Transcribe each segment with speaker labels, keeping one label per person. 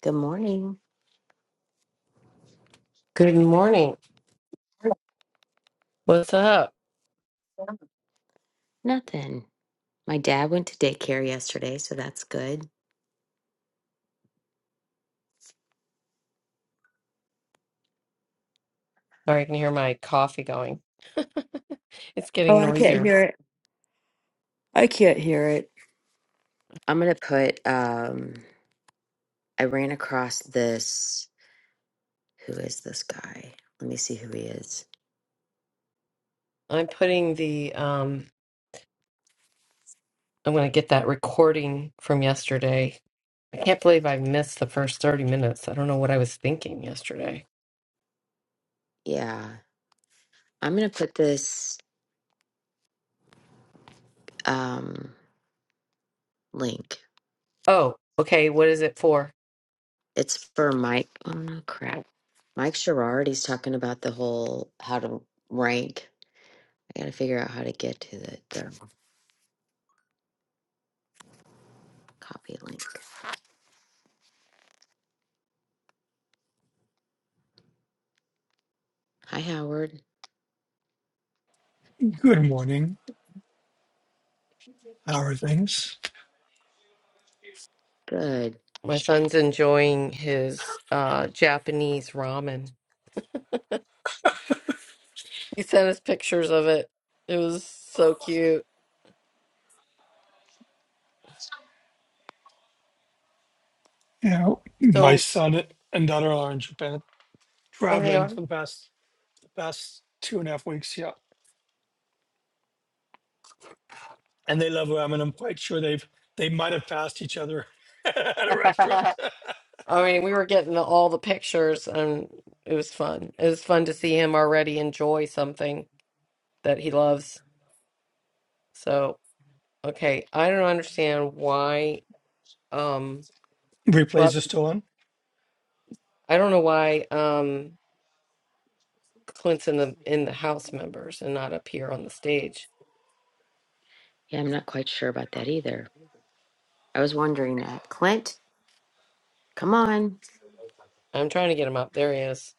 Speaker 1: Good morning.
Speaker 2: Good morning. What's up?
Speaker 1: Nothing. My dad went to daycare yesterday, so that's good.
Speaker 2: Sorry, I can hear my coffee going. It's
Speaker 1: Oh,
Speaker 2: getting
Speaker 1: I can't
Speaker 2: noisier.
Speaker 1: hear it. I can't hear it. I'm gonna put um I ran across this who is this guy? Let me see who he is.
Speaker 2: I'm putting the um I'm gonna get that recording from yesterday. I can't believe I missed the first 30 minutes. I don't know what I was thinking yesterday.
Speaker 1: Yeah. I'm gonna put this um link.
Speaker 2: Oh, okay, what is it for?
Speaker 1: It's for Mike oh no crap. Mike Sherrard, he's talking about the whole how to rank. I gotta figure out how to get to the, the copy link. Hi Howard.
Speaker 3: Good morning. How are things?
Speaker 1: Good
Speaker 2: My son's enjoying his uh Japanese ramen. He sent us pictures of it. It was so cute.
Speaker 3: You know, my
Speaker 2: So
Speaker 3: son and daughter are in Japan
Speaker 2: oh they
Speaker 3: traveling for the past the past two and a half weeks. Yeah, and they love ramen. I'm quite sure they've they might have passed each other at a
Speaker 2: are?
Speaker 3: restaurant.
Speaker 2: I mean, we were getting all the pictures, and it was fun. It was fun to see him already enjoy something that he loves. So, okay, I don't understand why. Um,
Speaker 3: Replays
Speaker 2: but
Speaker 3: are still on.
Speaker 2: I don't know why um Clint's in the in the house members and not up here on the stage.
Speaker 1: Yeah, I'm not quite sure about that either. I was wondering that. Clint, come on.
Speaker 2: I'm trying to get him up. There he is.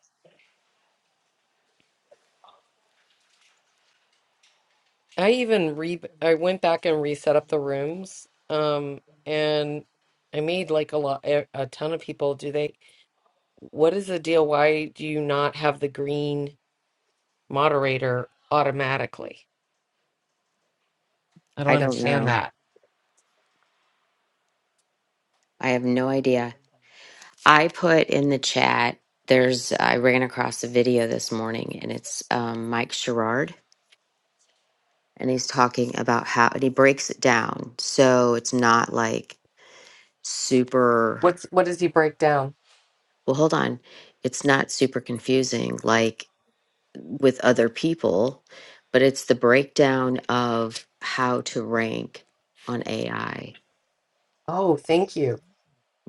Speaker 2: I even re I went back and reset up the rooms. Um, and I made like a lot a, a ton of people. Do they? What is the deal? Why do you not have the green moderator automatically? I don't
Speaker 1: I don't
Speaker 2: understand
Speaker 1: know.
Speaker 2: that.
Speaker 1: I have no idea. I put in the chat, there's, I ran across a video this morning and it's um, Mike Sherrard and he's talking about how, and he breaks it down. So it's not like super,
Speaker 2: What's what does he break down?
Speaker 1: well, hold on. It's not super confusing like with other people, but it's the breakdown of how to rank on AI
Speaker 2: Oh, thank you.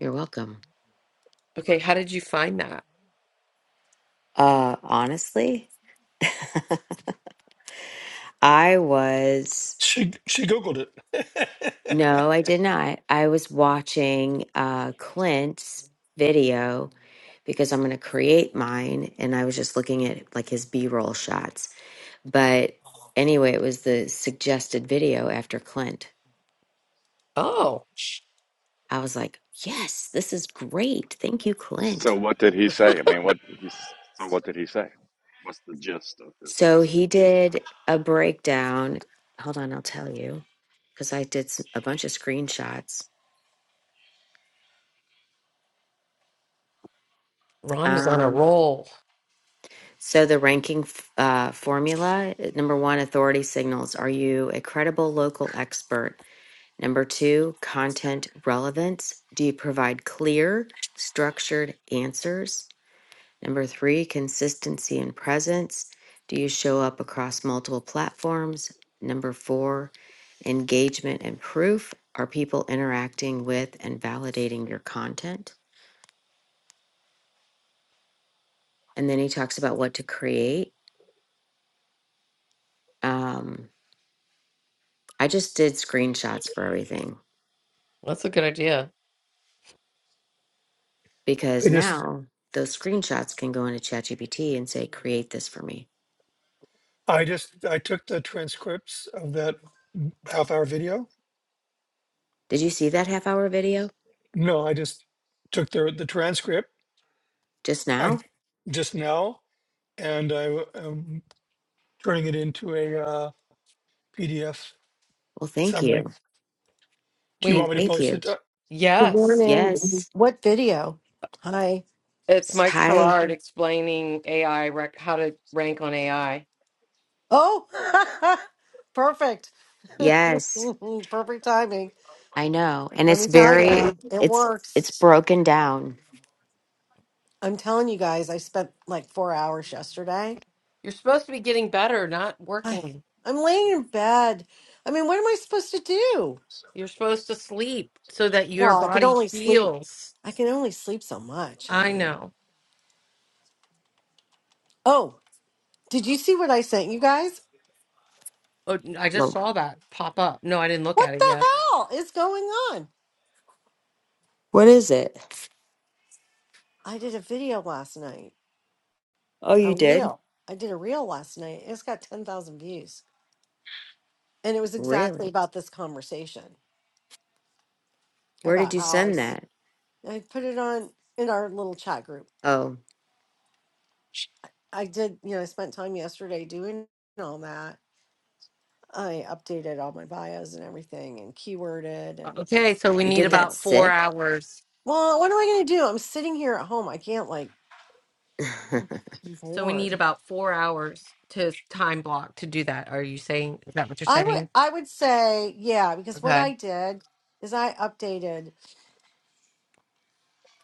Speaker 1: You're welcome.
Speaker 2: Okay, how did you find that?
Speaker 1: Uh, honestly, I was,
Speaker 3: She she googled it.
Speaker 1: no, I did not. I was watching uh, Clint's video because I'm going to create mine. And I was just looking at like his B roll shots. But anyway, it was the suggested video after Clint.
Speaker 2: Oh,
Speaker 1: I was like, yes, this is great. Thank you,
Speaker 4: So
Speaker 1: Clint.
Speaker 4: what did he say? I mean, what he's, so what did he say? What's the gist of his
Speaker 1: So he did a breakdown. Hold on, I'll tell you because I did s- a bunch of screenshots.
Speaker 2: Ron is on a
Speaker 1: Um,
Speaker 2: roll.
Speaker 1: So the ranking f- uh, formula, uh, number one, authority signals. Are you a credible local expert? Number two, content relevance. Do you provide clear, structured answers? Number three, consistency and presence. Do you show up across multiple platforms? Number four, engagement and proof. Are people interacting with and validating your content? And then he talks about what to create. Um, I just did screenshots for everything
Speaker 2: That's a good idea.
Speaker 1: because
Speaker 3: I just
Speaker 1: now those screenshots can go into ChatGPT and say, create this for me.
Speaker 3: I just I took the transcripts of that half hour video.
Speaker 1: Did you see that half hour video
Speaker 3: No, I just took the the transcript.
Speaker 1: just now?
Speaker 3: I just now and I am turning it into a uh, PDF
Speaker 1: Well, thank
Speaker 3: summary.
Speaker 1: you.
Speaker 3: Do you
Speaker 2: Wait,
Speaker 3: want me to
Speaker 1: Thank
Speaker 3: post
Speaker 1: you.
Speaker 3: it? Uh,
Speaker 5: Good
Speaker 2: yes.
Speaker 5: morning.
Speaker 1: Yes.
Speaker 5: What video? Hi.
Speaker 2: It's Mike
Speaker 1: Hi.
Speaker 2: Sherrard explaining AI, rec- how to rank on AI.
Speaker 5: Oh, perfect.
Speaker 1: Yes.
Speaker 5: perfect timing.
Speaker 1: I know. And
Speaker 5: Let
Speaker 1: it's
Speaker 5: me tell
Speaker 1: very,
Speaker 5: you, it
Speaker 1: it's,
Speaker 5: works.
Speaker 1: it's broken down.
Speaker 5: I'm telling you guys, I spent like four hours yesterday.
Speaker 2: You're supposed to be getting better, not
Speaker 5: I,
Speaker 2: working.
Speaker 5: I'm laying in bed. I mean, what am I supposed to do?
Speaker 2: You're supposed to sleep so that your
Speaker 5: Well, I can
Speaker 2: body
Speaker 5: only sleep.
Speaker 2: heals.
Speaker 5: I can only sleep so much. I
Speaker 2: I
Speaker 5: mean,
Speaker 2: know.
Speaker 5: oh, did you see what I sent you guys?
Speaker 2: Oh, I just
Speaker 1: Well,
Speaker 2: saw that pop up. No, I didn't look
Speaker 5: What
Speaker 2: at it
Speaker 5: the
Speaker 2: yet.
Speaker 5: hell is going on?
Speaker 1: What is it?
Speaker 5: I did a video last night.
Speaker 1: Oh,
Speaker 5: a
Speaker 1: you did?
Speaker 5: reel. I did a reel last night. It's got 10,000 views. And it was exactly
Speaker 1: Really?
Speaker 5: about this conversation
Speaker 1: Where did
Speaker 5: about
Speaker 1: you
Speaker 5: how I,
Speaker 1: send
Speaker 5: s-
Speaker 1: that?
Speaker 5: I put it on in our little chat group.
Speaker 1: Oh,
Speaker 5: I did, you know, I spent time yesterday doing all that. I updated all my bios and everything and keyworded and,
Speaker 2: Okay, so we
Speaker 1: you
Speaker 2: need
Speaker 1: did
Speaker 5: you
Speaker 1: that
Speaker 2: about
Speaker 5: know,
Speaker 2: four
Speaker 1: sick?
Speaker 2: hours.
Speaker 5: well, what am I going to do? I'm sitting here at home. I can't like, I'm
Speaker 2: So we need
Speaker 5: bored.
Speaker 2: about four hours to time block to do that. Are you saying, is that what you're
Speaker 5: I would,
Speaker 2: saying?
Speaker 5: I would say, yeah, because what
Speaker 2: Okay.
Speaker 5: I did is I updated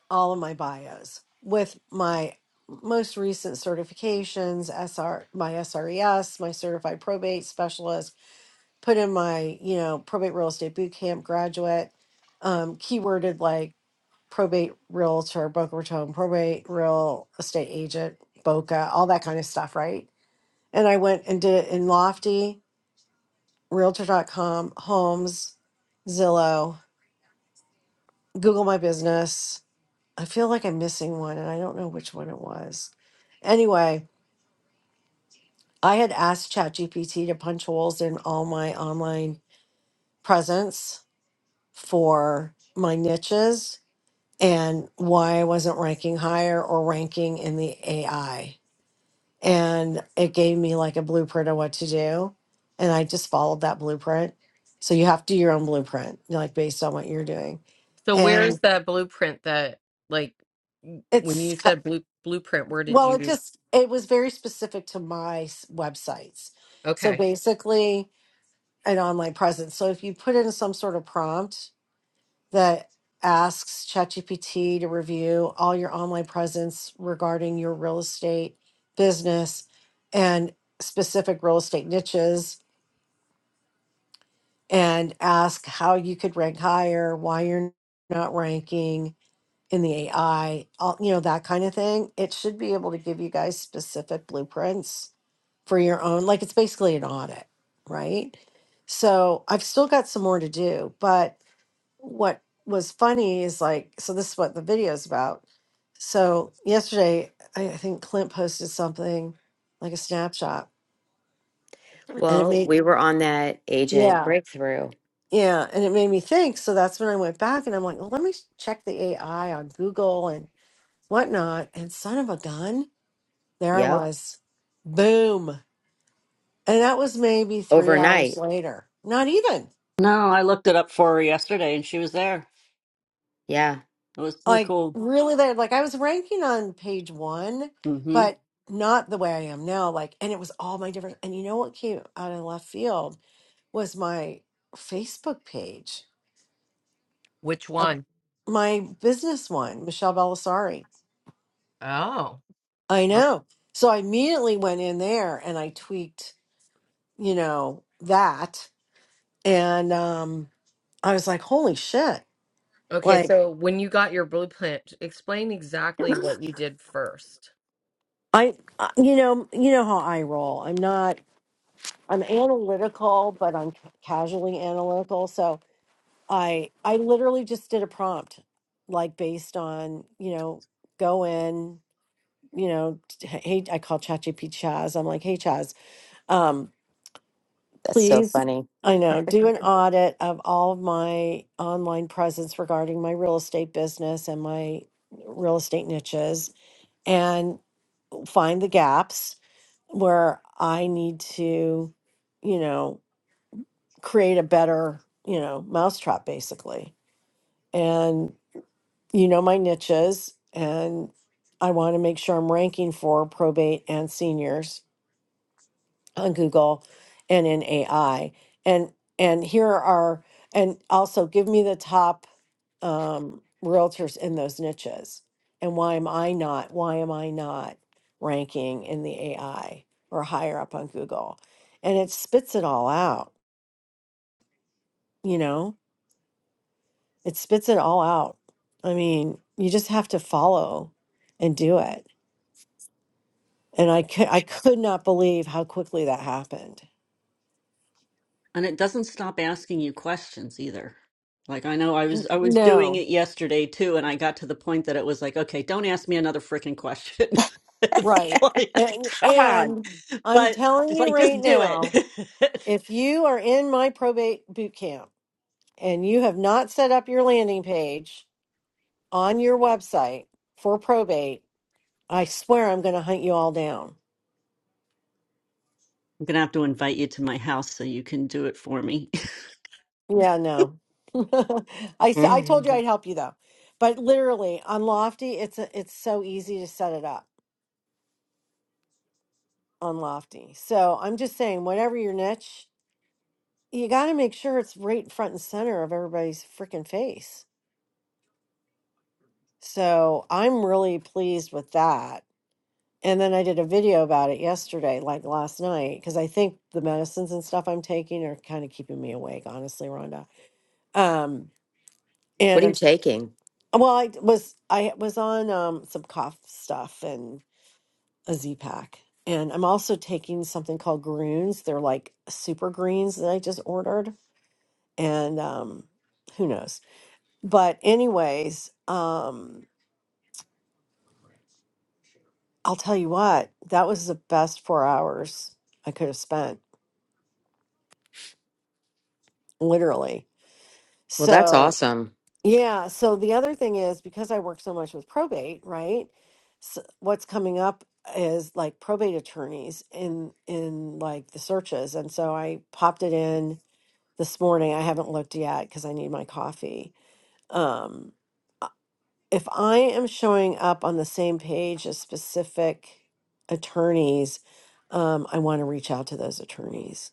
Speaker 5: all of my bios with my most recent certifications, SR, my SRES, my certified probate specialist, put in my, you know, probate real estate boot camp graduate, um, keyworded like probate realtor, Boca Raton, probate real estate agent, Boca, all that kind of stuff, right? And I went and did it in Lofty, Realtor.com, Homes, Zillow, Google My Business, I feel like I'm missing one and I don't know which one it was. Anyway, I had asked ChatGPT to punch holes in all my online presence for my niches and why I wasn't ranking higher or ranking in the AI. And it gave me like a blueprint of what to do. And I just followed that blueprint. So you have to do your own blueprint, like based on what you're doing.
Speaker 2: So
Speaker 5: And
Speaker 2: where's the blueprint that, like, w- when
Speaker 5: it's
Speaker 2: you said blue, blueprint, where did
Speaker 5: Well, it
Speaker 2: you,
Speaker 5: just it was very specific to my s- websites. So
Speaker 2: okay,
Speaker 5: basically, an online presence. So if you put in some sort of prompt that asks ChatGPT to review all your online presence regarding your real estate business and specific real estate niches and ask how you could rank higher, why you're not ranking in the AI, all, you know, that kind of thing, it should be able to give you guys specific blueprints for your own like it's basically an audit right so i've still got some more to do but what was funny is like so this is what the video is about so yesterday i, I think clint posted something like a snapshot and it
Speaker 1: well,
Speaker 5: made
Speaker 1: we were on that agent
Speaker 5: yeah
Speaker 1: breakthrough.
Speaker 5: yeah and it made me think so that's when i went back and i'm like well, let me check the ai on google and whatnot and son of a gun there i
Speaker 1: Yep.
Speaker 5: was boom and that was maybe three hours
Speaker 1: Overnight.
Speaker 5: later not even
Speaker 6: No, I looked it up for her yesterday and she was there.
Speaker 1: Yeah.
Speaker 6: It was so
Speaker 5: like
Speaker 6: cool.
Speaker 5: really there like i was ranking on page one
Speaker 6: hmm
Speaker 5: but not the way i am now like and it was all my different and you know what came out of left field was my facebook page
Speaker 2: which
Speaker 5: of
Speaker 2: one?
Speaker 5: my business one michelle belisari
Speaker 2: Oh.
Speaker 5: i know so i immediately went in there and i tweaked you know that and um i was like holy shit
Speaker 2: Okay,
Speaker 5: like
Speaker 2: so when you got your blueprint, explain exactly what you did first.
Speaker 5: i I- you know you know how i roll i'm not I'm analytical, but I'm ca- casually analytical. So I I literally just did a prompt, like based on you know go in you know t- hey I call ChatGPT Chaz. I'm like hey Chaz, um,
Speaker 1: That's so
Speaker 5: please
Speaker 1: funny.
Speaker 5: I know do an audit of all of my online presence regarding my real estate business and my real estate niches and find the gaps where I need to you know create a better, you know, mousetrap basically. And you know my niches and I want to make sure I'm ranking for probate and seniors on Google and in AI. And and here are and also give me the top um realtors in those niches. And why am I not why am I not ranking in the AI or higher up on Google? And it spits it all out, you know? It spits it all out. I mean, you just have to follow and do it. And I could, I could not believe how quickly that happened.
Speaker 6: And it doesn't stop asking you questions either. Like I know I was I was doing
Speaker 5: No,
Speaker 6: it yesterday too, and I got to the point that it was like, okay, don't ask me another freaking question. it's
Speaker 5: right.
Speaker 6: like,
Speaker 5: And,
Speaker 6: come on.
Speaker 5: and I'm
Speaker 6: But
Speaker 5: telling
Speaker 6: it's
Speaker 5: you
Speaker 6: like just
Speaker 5: right
Speaker 6: do it.
Speaker 5: now,
Speaker 6: I'm
Speaker 5: if you are in my probate boot camp and you have not set up your landing page on your website for probate, I swear I'm going to hunt you all down
Speaker 6: gonna have to invite you to my house so you can do it for me.
Speaker 5: Yeah, no. I s- I told you
Speaker 1: Mhm.
Speaker 5: I'd help you though. But literally on Lofty, it's a, it's so easy to set it up on Lofty. So I'm just saying, whatever your niche, you got to make sure it's right front and center of everybody's freaking face. So I'm really pleased with that. And then I did a video about it yesterday, like last night, because I think the medicines and stuff I'm taking are kind of keeping me awake, honestly, Rhonda. Um,
Speaker 1: What
Speaker 5: and
Speaker 1: are
Speaker 5: I'm.
Speaker 1: you taking?
Speaker 5: Well, I d- was I was on um some cough stuff and a Z pack. And I'm also taking something called Groons. They're like super greens that I just ordered. And um who knows. But anyways, um I'll tell you what, that was the best four hours I could have spent, literally.
Speaker 1: Well, that's
Speaker 5: So
Speaker 1: awesome.
Speaker 5: Yeah. So the other thing is because I work so much with probate, right? So what's coming up is like probate attorneys in in like the searches, and so I popped it in this morning. I haven't looked yet because I need my coffee. Um, uh, if I am showing up on the same page as specific attorneys, um, I want to reach out to those attorneys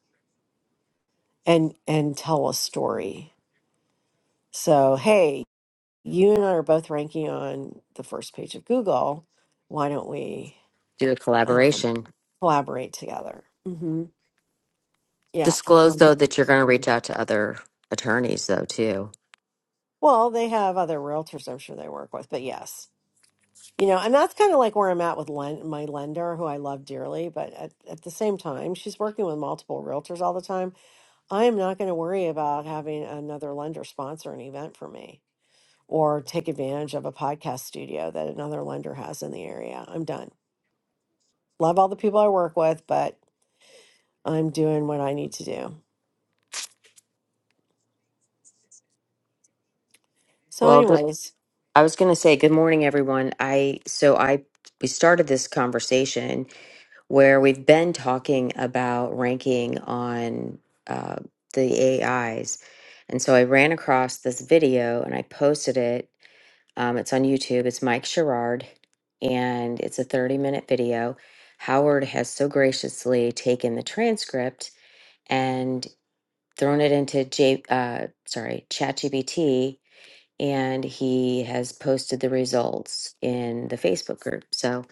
Speaker 5: and and tell a story. So, hey, you and I are both ranking on the first page of Google. Why don't we
Speaker 1: Do a
Speaker 5: um,
Speaker 1: collaboration.
Speaker 5: collaborate together? hmm Yeah. uh-huh.
Speaker 1: Disclose though that you're going to reach out to other attorneys though too.
Speaker 5: Well, they have other realtors I'm sure they work with, but yes. You know, and that's kind of like where I'm at with len- my lender, who I love dearly, but at, at the same time, she's working with multiple realtors all the time. I am not going to worry about having another lender sponsor an event for me or take advantage of a podcast studio that another lender has in the area. I'm done. love all the people I work with, but I'm doing what I need to do. So,
Speaker 1: Well, good-
Speaker 5: anyways,
Speaker 1: I was going to say good morning everyone. I so I we started this conversation where we've been talking about ranking on uh, the AIs, and so I ran across this video and I posted it Um, it's on YouTube. It's Mike Sherrard, and it's a 30 minute video. Howard has so graciously taken the transcript and thrown it into J, uh, sorry, ChatGPT, and he has posted the results in the Facebook group. So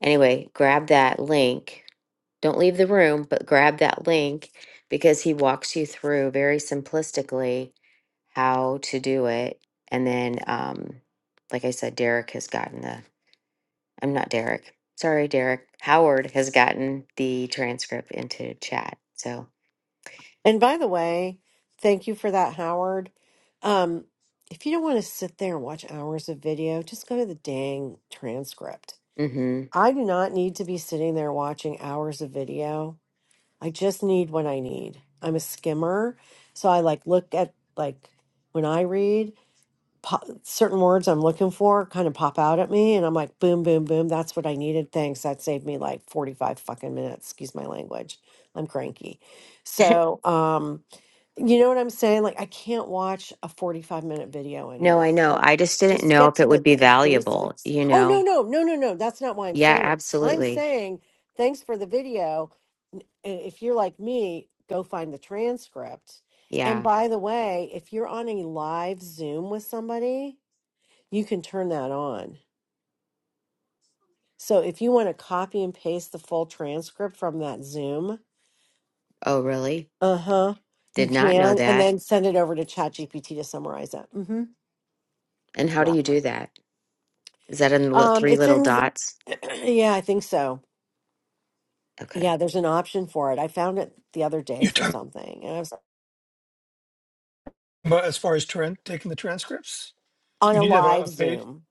Speaker 1: anyway, grab that link don't leave the room, but grab that link because he walks you through very simplistically how to do it. And then, um, like I said, Derek has gotten the, I'm not Derek. Sorry, Derek. Howard has gotten the transcript into chat. So,
Speaker 5: and by the way, thank you for that, Howard. Um, if you don't want to sit there and watch hours of video, just go to the dang transcript.
Speaker 1: mm-hmm.
Speaker 5: I do not need to be sitting there watching hours of video. I just need what I need. I'm a skimmer, so I like look at like when I read. pop, certain words I'm looking for kind of pop out at me, and I'm like, boom, boom, boom. That's what I needed. Thanks. That saved me like 45 fucking minutes. Excuse my language. I'm cranky. So, um, you know what I'm saying? Like, I can't watch a 45 minute video
Speaker 1: no, I
Speaker 5: anymore.
Speaker 1: know.
Speaker 5: Like,
Speaker 1: I just didn't
Speaker 5: just
Speaker 1: know
Speaker 5: get
Speaker 1: if it
Speaker 5: to
Speaker 1: would
Speaker 5: the
Speaker 1: be valuable,
Speaker 5: basics.
Speaker 1: you
Speaker 5: Oh, no,
Speaker 1: know?
Speaker 5: no, no, no, no. That's not why I'm
Speaker 1: Yeah,
Speaker 5: saying it. I'm
Speaker 1: absolutely.
Speaker 5: saying thanks for the video. N- i- If you're like me, go find the transcript. And
Speaker 1: Yeah.
Speaker 5: by the way, if you're on a live Zoom with somebody, you can turn that on. So if you want to copy and paste the full transcript from that Zoom,
Speaker 1: Oh, really?
Speaker 5: uh huh, you
Speaker 1: Did not know
Speaker 5: can, and
Speaker 1: that.
Speaker 5: then send it over to ChatGPT to summarize it. Mm hmm.
Speaker 1: And how do you do that? Is that in the li-
Speaker 5: Um,
Speaker 1: three
Speaker 5: it's
Speaker 1: little
Speaker 5: in,
Speaker 1: dots?
Speaker 5: yeah, I think so.
Speaker 1: Okay.
Speaker 5: Yeah, there's an option for it. I found it the other day
Speaker 3: You're
Speaker 5: for
Speaker 3: talking
Speaker 5: something, and I was
Speaker 3: about as far as tran taking the transcripts?
Speaker 5: on
Speaker 3: You
Speaker 5: a
Speaker 3: need to have a,
Speaker 5: live
Speaker 3: a paid,
Speaker 5: Zoom.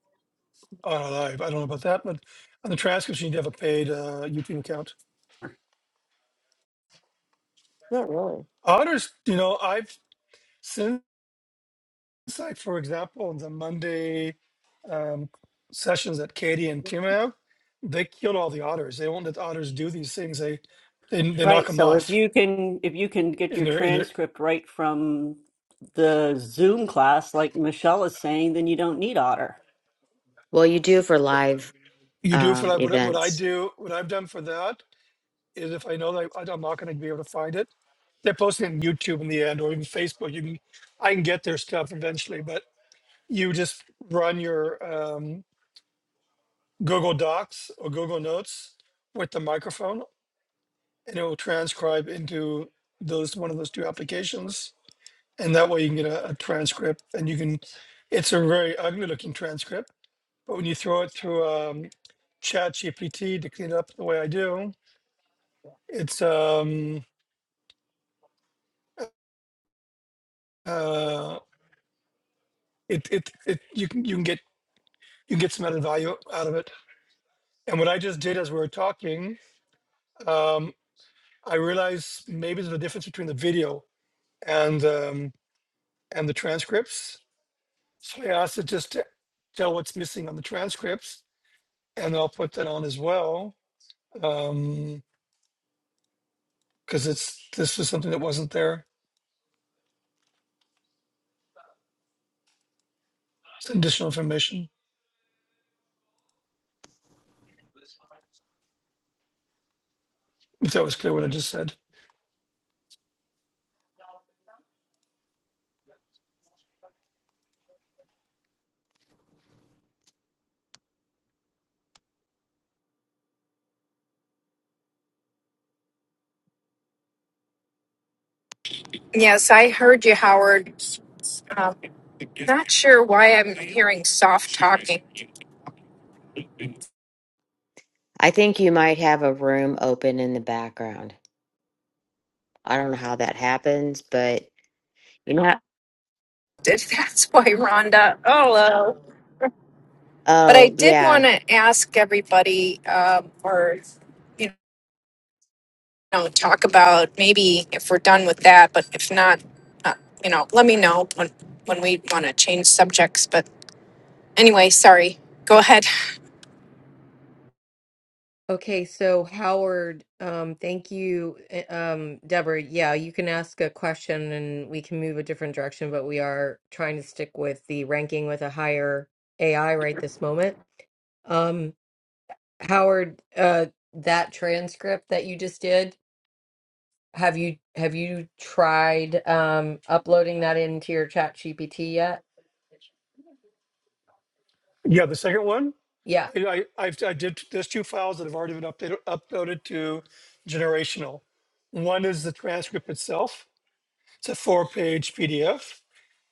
Speaker 3: uh, live, I don't know about that, but on the transcripts, you need to have a paid uh, YouTube account.
Speaker 5: Not really.
Speaker 3: Others, you know, I've, since I, for example, the Monday um, sessions that Katie and Tim have, they killed all the otters. They won't let the otters do these things. They, they, they knock
Speaker 6: Right.
Speaker 3: them
Speaker 6: So if
Speaker 3: off.
Speaker 6: you can if you can get
Speaker 3: And
Speaker 6: your
Speaker 3: they're, and they're,
Speaker 6: transcript right from the Zoom class, like Michelle is saying, then you don't need Otter.
Speaker 1: Well, you do for live
Speaker 3: you do for
Speaker 1: um,
Speaker 3: like what, I- what I
Speaker 1: events.
Speaker 3: do, what I've done for that is if I know that I, I'm not going to be able to find it, they're posting on YouTube in the end or even Facebook. You can, I can get their stuff eventually, but you just run your um, Google Docs or Google Notes with the microphone, and it will transcribe into those one of those two applications, and that way you can get a, a transcript, and you can. It's a very ugly looking transcript, but when you throw it through um, Chat GPT to clean up the way I do, it's um, uh, it it it you can you can get you can get some added value out of it. And what I just did as we were talking, um, I realized maybe there's a difference between the video and um, and the transcripts. So I asked it just to tell what's missing on the transcripts, and I'll put that on as well because um, it's this was something that wasn't there. It's additional information. If that was clear what I just said.
Speaker 7: Yes, I heard you, Howard. Um, not sure why I'm hearing soft talking.
Speaker 1: I think you might have a room open in the background. I don't know how that happens, but you know. how-
Speaker 7: That's why, Rhonda. Oh, hello. But I
Speaker 1: Oh,
Speaker 7: did want
Speaker 1: yeah.
Speaker 7: to ask everybody, um, or you know, talk about maybe if we're done with that. But if not, uh, you know, let me know when when we want to change subjects. But anyway, sorry. Go ahead.
Speaker 2: Okay, so Howard, um, thank you, uh, um, Deborah. Yeah, you can ask a question and we can move a different direction, but we are trying to stick with the ranking with a higher AI right this moment. Um, Howard, uh, that transcript that you just did, have you have you tried um, uploading that into your Chat GPT yet?
Speaker 3: Yeah, the second one,
Speaker 2: Yeah,
Speaker 3: I, I, I've, I did, there's two files that have already been updated, uploaded to generational. One is the transcript itself. It's a four page PDF.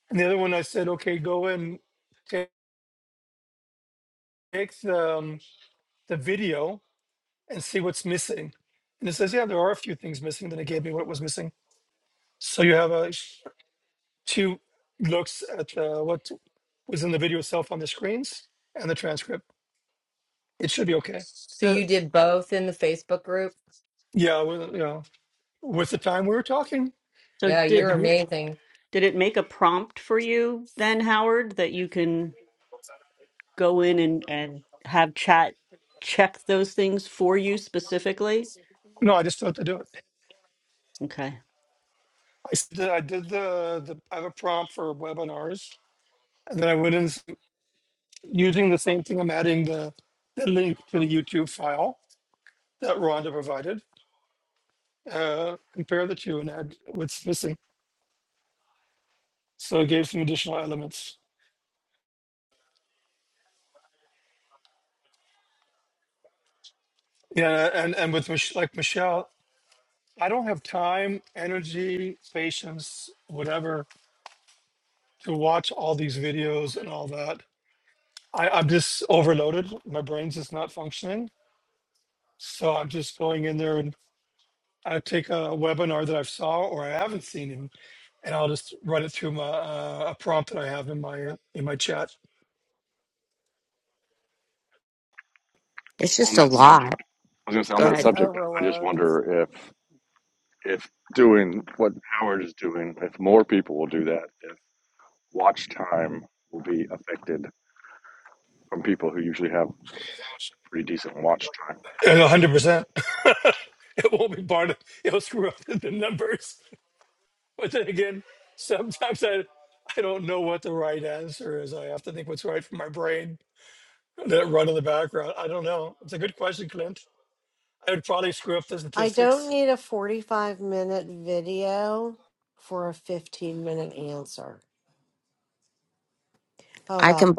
Speaker 3: And the other one, I said, okay, go and ta- take the, um, the video and see what's missing. And it says, yeah, there are a few things missing. Then it gave me what was missing. So you have a two looks at uh, what was in the video itself on the screens and the transcript. It should be okay.
Speaker 2: so
Speaker 6: So
Speaker 2: you did both in the Facebook group.
Speaker 3: Yeah, well, yeah. with the time we were talking,
Speaker 6: so
Speaker 2: Yeah,
Speaker 3: I
Speaker 6: did
Speaker 2: you're
Speaker 3: can do it.
Speaker 2: amazing.
Speaker 6: did it make a prompt for you then, Howard, that you can? go in and, and have chat check those things for you specifically?
Speaker 3: No, I just thought to do it.
Speaker 6: Okay.
Speaker 3: I s- I did the, the I have a prompt for webinars, and then I went in s- using the same thing. I'm adding the, the link to the YouTube file that Rhonda provided. Uh, compare the two and add what's missing. So it gave some additional elements. Yeah, and and with Mich- like Michelle, I don't have time, energy, patience, whatever, to watch all these videos and all that. I, I'm just overloaded. My brain's just not functioning So I'm just going in there and I take a webinar that I've saw or I haven't seen him, and I'll just run it through my uh, a prompt that I have in my in my chat.
Speaker 1: It's
Speaker 4: on
Speaker 1: just a
Speaker 4: that subject?
Speaker 1: lot.
Speaker 4: I was going to say on
Speaker 1: Go
Speaker 4: that
Speaker 5: It's
Speaker 1: ahead.
Speaker 4: subject. I just
Speaker 5: overload.
Speaker 4: wonder if if doing what Howard is doing, if more people will do that, if watch time will be affected from people who usually have pretty decent watch time.
Speaker 3: And 100, percent it won't be part of it'll screw up the numbers. But then again, sometimes I I don't know what the right answer is. I have to think what's right for my brain. Let it run in the background. I don't know. It's a good question, Clint. I would probably screw up the
Speaker 5: I
Speaker 3: statistics.
Speaker 5: don't need a 45 minute video for a 15 minute answer. How
Speaker 1: I
Speaker 5: about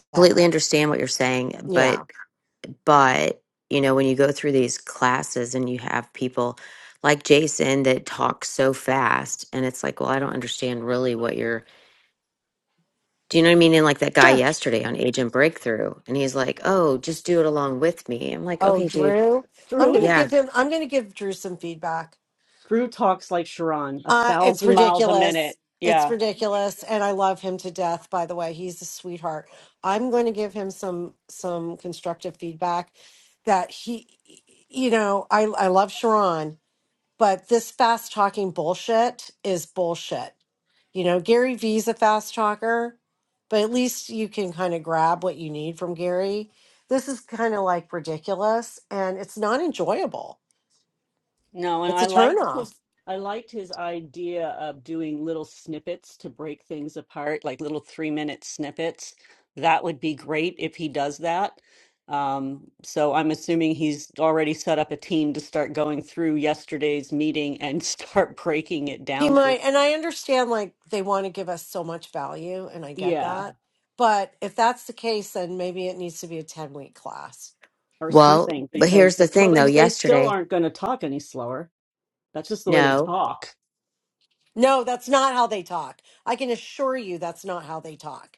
Speaker 1: completely
Speaker 5: that?
Speaker 1: understand what you're saying, but
Speaker 5: Yeah.
Speaker 1: but you know when you go through these classes and you have people like Jason that talk so fast, and it's like, well, I don't understand really what you're. Do you know what I mean? And like that guy yesterday on Agent Breakthrough, and he's like, "Oh, just do it along with me." I'm like,
Speaker 5: Oh,
Speaker 1: "Okay, dude."
Speaker 5: Drew, I'm
Speaker 6: Drew
Speaker 5: going to
Speaker 6: is
Speaker 1: Yeah.
Speaker 5: give him, I'm going to give Drew some feedback.
Speaker 6: Drew talks like Sharon, a
Speaker 5: Uh, it's
Speaker 6: thousand miles a
Speaker 5: ridiculous.
Speaker 6: minute.
Speaker 5: It's
Speaker 6: Yeah.
Speaker 5: ridiculous, and I love him to death. By the way, he's a sweetheart. I'm going to give him some some constructive feedback. That he, you know, I I love Sharon, but this fast talking bullshit is bullshit. You know, Gary Vee's a fast talker, but at least you can kind of grab what you need from Gary. This is kind of like ridiculous, and it's not enjoyable.
Speaker 6: No, and
Speaker 5: It's
Speaker 6: I
Speaker 5: a
Speaker 6: liked
Speaker 5: turnoff.
Speaker 6: his I liked his idea of doing little snippets to break things apart, like little three minute snippets. That would be great if he does that. Um, so I'm assuming he's already set up a team to start going through yesterday's meeting and start breaking it
Speaker 5: He
Speaker 6: down for.
Speaker 5: might, and I understand like they want to give us so much value, and I get
Speaker 6: Yeah.
Speaker 5: that. But if that's the case, then maybe it needs to be a 10 week class.
Speaker 6: or
Speaker 1: Well,
Speaker 6: something
Speaker 1: but
Speaker 6: because
Speaker 1: here's the
Speaker 6: well
Speaker 1: thing
Speaker 6: they
Speaker 1: though.
Speaker 6: they still
Speaker 1: Yesterday,
Speaker 6: aren't going to talk any slower. That's just the way they
Speaker 1: no,
Speaker 6: talk.
Speaker 5: No, that's not how they talk. I can assure you that's not how they talk.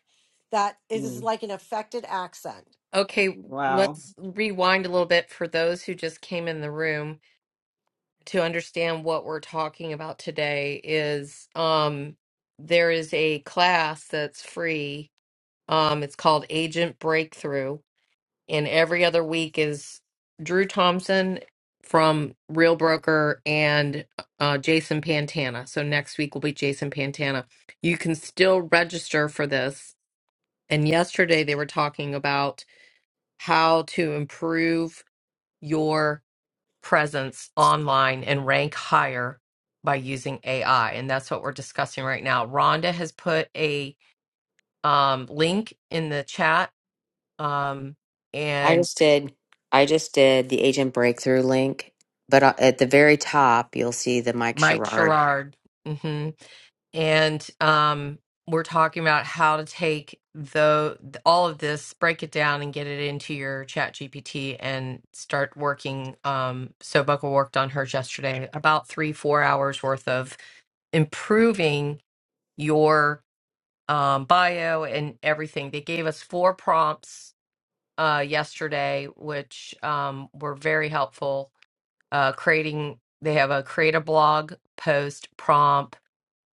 Speaker 5: That is
Speaker 6: Mm,
Speaker 5: like an affected accent.
Speaker 2: Okay,
Speaker 6: wow.
Speaker 2: let's rewind a little bit for those who just came in the room to understand what we're talking about today is um there is a class that's free. Um it's called Agent Breakthrough and every other week is Drew Thompson from Real Broker and uh Jason Pantana. So next week will be Jason Pantana. You can still register for this. And yesterday they were talking about how to improve your presence online and rank higher by using AI. And that's what we're discussing right now. Rhonda has put a um, link in the chat um,
Speaker 1: I
Speaker 2: and
Speaker 1: just did. I just did the agent breakthrough link, but uh, at the very top, you'll see the Mike
Speaker 2: Mike
Speaker 1: Sherrard.
Speaker 2: Sherrard. hmm And um, we're talking about how to take the all of this, break it down, and get it into your Chat GPT and start working. Um, so Buckle worked on hers yesterday, about three, four hours worth of improving your um, bio and everything. They gave us four prompts uh, yesterday, which um, were very helpful. Uh, creating, they have a create a blog post prompt,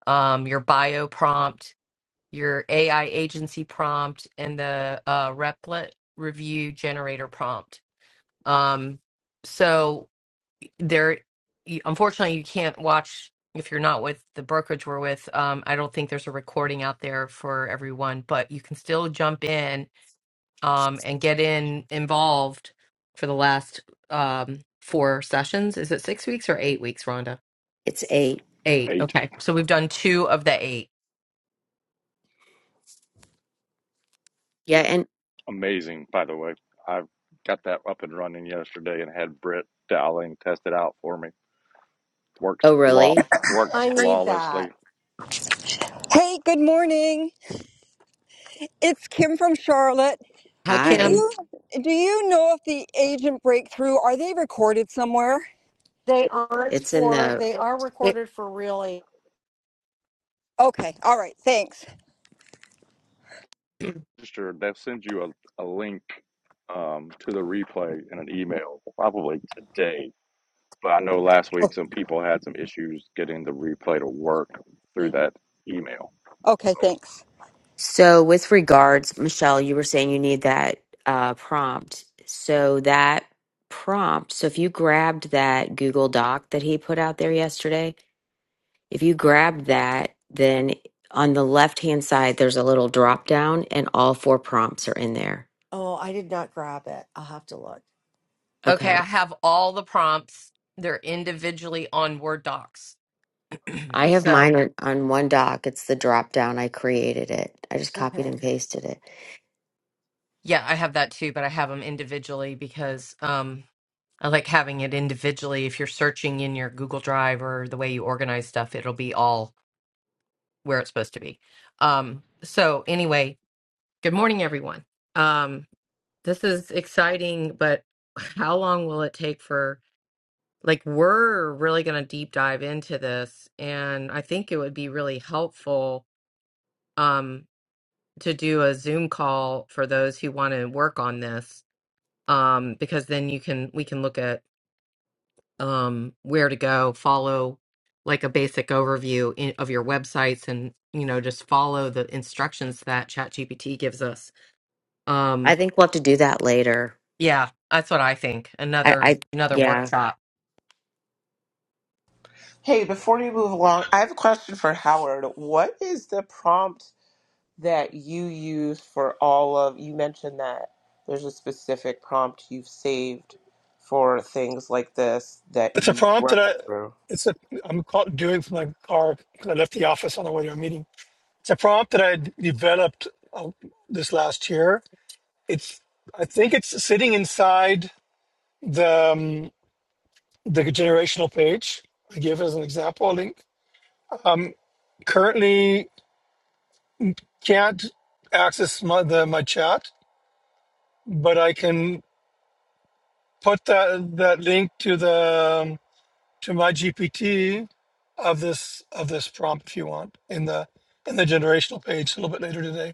Speaker 2: um, your bio prompt, your AI agency prompt, and the uh, Replit review generator prompt. Um, so there you- unfortunately you can't watch if you're not with the brokerage we're with um, i don't think there's a recording out there for everyone but you can still jump in um, and get in involved for the last um, four sessions is it six weeks or eight weeks rhonda
Speaker 1: It's eight.
Speaker 2: eight
Speaker 4: Eight,
Speaker 2: okay so we've done two of the eight
Speaker 1: Yeah, and
Speaker 4: amazing, by the way. I got that up and running yesterday and had Britt Dowling test it out for me. Works
Speaker 1: oh
Speaker 4: flaw
Speaker 1: really?
Speaker 4: works
Speaker 5: I need
Speaker 4: flawlessly.
Speaker 5: that.
Speaker 8: Hey, good morning. It's Kim from Charlotte.
Speaker 2: hi
Speaker 8: Do
Speaker 1: Hi.
Speaker 2: kim
Speaker 8: you do you know if the agent breakthrough are they recorded somewhere?
Speaker 5: They aren't
Speaker 1: It's in
Speaker 5: for,
Speaker 1: the.
Speaker 5: they are
Speaker 2: It-
Speaker 5: recorded for really.
Speaker 8: Okay. All right. Thanks.
Speaker 4: registered, they'll send you a, a link um, to the replay in an email probably today. But I know last
Speaker 8: Oh,
Speaker 4: week some people had some issues getting the replay to work through that email.
Speaker 8: okay,
Speaker 4: So
Speaker 8: thanks.
Speaker 1: So with regards, Michelle, you were saying you need that uh, prompt. So that prompt. So if you grabbed that Google Doc that he put out there yesterday, If you grab that, then on the left hand side, there's a little drop down, and all four prompts are in there.
Speaker 5: Oh, I did not grab it. I'll have to look.
Speaker 2: okay
Speaker 1: Okay.
Speaker 2: i have all the prompts they're individually on word docs
Speaker 1: I have
Speaker 5: Okay.
Speaker 1: mine
Speaker 2: so
Speaker 1: on on one doc. It's the drop down. I created it. I just copied and
Speaker 5: Okay.
Speaker 1: pasted it.
Speaker 2: yeah i have that too but i have them individually because um I like having it individually. If you're searching in your Google Drive or the way you organize stuff, it'll be all where it's supposed to be. Um, so, anyway, good morning, everyone. Um, this is exciting, but how long will it take for? Like, we're really going to deep dive into this, and I think it would be really helpful um, to do a Zoom call for those who want to work on this, um, because then you can we can look at um, where to go, follow like a basic overview in, of your websites and, you know, just follow the instructions that ChatGPT gives us.
Speaker 1: I
Speaker 2: Um,
Speaker 1: think we'll have to do that later.
Speaker 2: yeah, that's what I think.
Speaker 1: I,
Speaker 2: Another
Speaker 1: I
Speaker 2: another
Speaker 1: yeah.
Speaker 2: workshop.
Speaker 9: Hey, before you move along, I have a question for Howard. What is the prompt that you use for all of, you mentioned that there's a specific prompt you've saved for things like this that
Speaker 3: It's a
Speaker 9: you
Speaker 3: prompt
Speaker 9: run
Speaker 3: that I,
Speaker 9: it through.
Speaker 3: it's a, I'm call, doing from my car because I left the office on the way to a meeting. It's a prompt that I d- developed uh, this last year. It's, I think it's sitting inside the, um, the generational page. I gave it as an example link. Um, currently can't access my, the, my chat, but I can put that, that link to the, um, to my GPT of this of this prompt if you want in the in the generational page a little bit later today.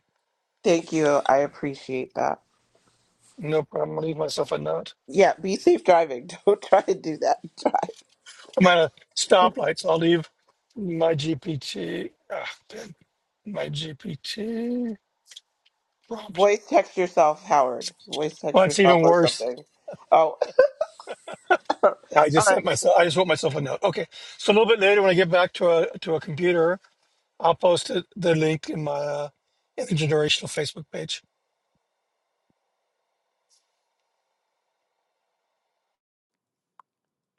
Speaker 9: Thank you. I appreciate that.
Speaker 3: No problem. I'll leave myself a note.
Speaker 9: Yeah, be safe driving. Don't try to do that.
Speaker 3: I'm at a stoplight, so I'll leave my GPT. ah, pin, my GPT prompt.
Speaker 9: Voice text yourself, Howard. Voice
Speaker 3: Well,
Speaker 9: text
Speaker 3: it's
Speaker 9: yourself
Speaker 3: even
Speaker 9: or
Speaker 3: worse.
Speaker 9: something. Oh, all
Speaker 3: I just
Speaker 9: right.
Speaker 3: sent myself. I just wrote myself a note. Okay, so a little bit later when I get back to a to a computer, I'll post it, the link in my uh, in the generational Facebook page.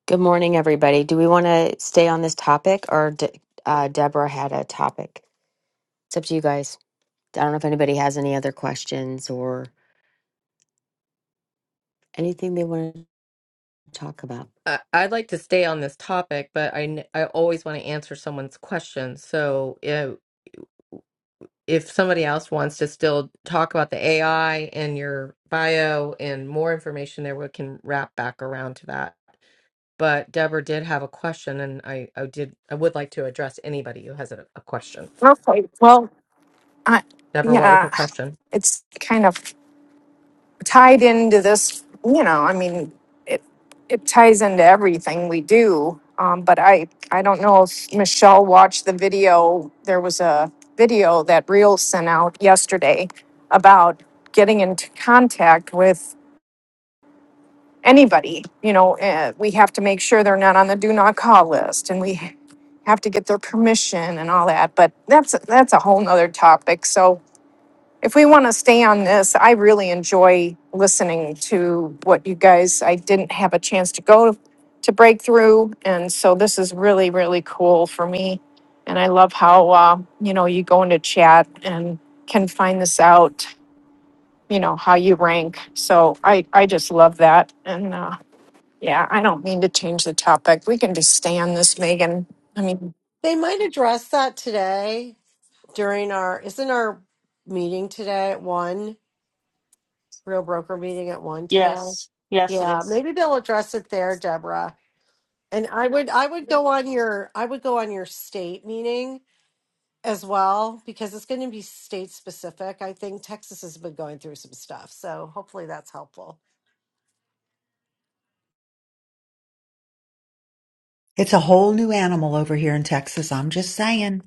Speaker 1: Good morning, everybody. Do we want to stay on this topic, or De- uh, Deborah had a topic? It's up to you guys. I don't know if anybody has any other questions or anything they want to talk about.
Speaker 2: I, I'd like to stay on this topic, but I, n- I always want to answer someone's question. So if, if somebody else wants to still talk about the AI and your bio and more information there, we can wrap back around to that. but Deborah did have a question, and I, I did I would like to address anybody who has a, a question.
Speaker 7: Okay. Well, I,
Speaker 2: Deborah, what was
Speaker 7: yeah,
Speaker 2: your question?
Speaker 7: it's kind of. tied into this you know i mean it it ties into everything we do um, but i i don't know if michelle watched the video there was a video that reel sent out yesterday about getting into contact with anybody you know uh, we have to make sure they're not on the do not call list and we have to get their permission and all that but that's that's a whole nother topic so if we want to stay on this, I really enjoy listening to what you guys, I didn't have a chance to go to Breakthrough. And so this is really, really cool for me. And I love how, uh, you know, you go into chat and can find this out, you know, how you rank. So I, I just love that. And uh, yeah, I don't mean to change the topic. We can just stay on this, Megan. I mean,
Speaker 5: They might address that today during our, isn't our meeting today at one? Real Broker meeting at one today.
Speaker 6: Yes, yes, it
Speaker 5: Yeah,
Speaker 6: is.
Speaker 5: maybe they'll address it there, Deborah. And I would I would go on your I would go on your state meeting as well because it's going to be state specific. I think Texas has been going through some stuff, so hopefully that's helpful.
Speaker 10: It's a whole new animal over here in Texas. I'm just saying,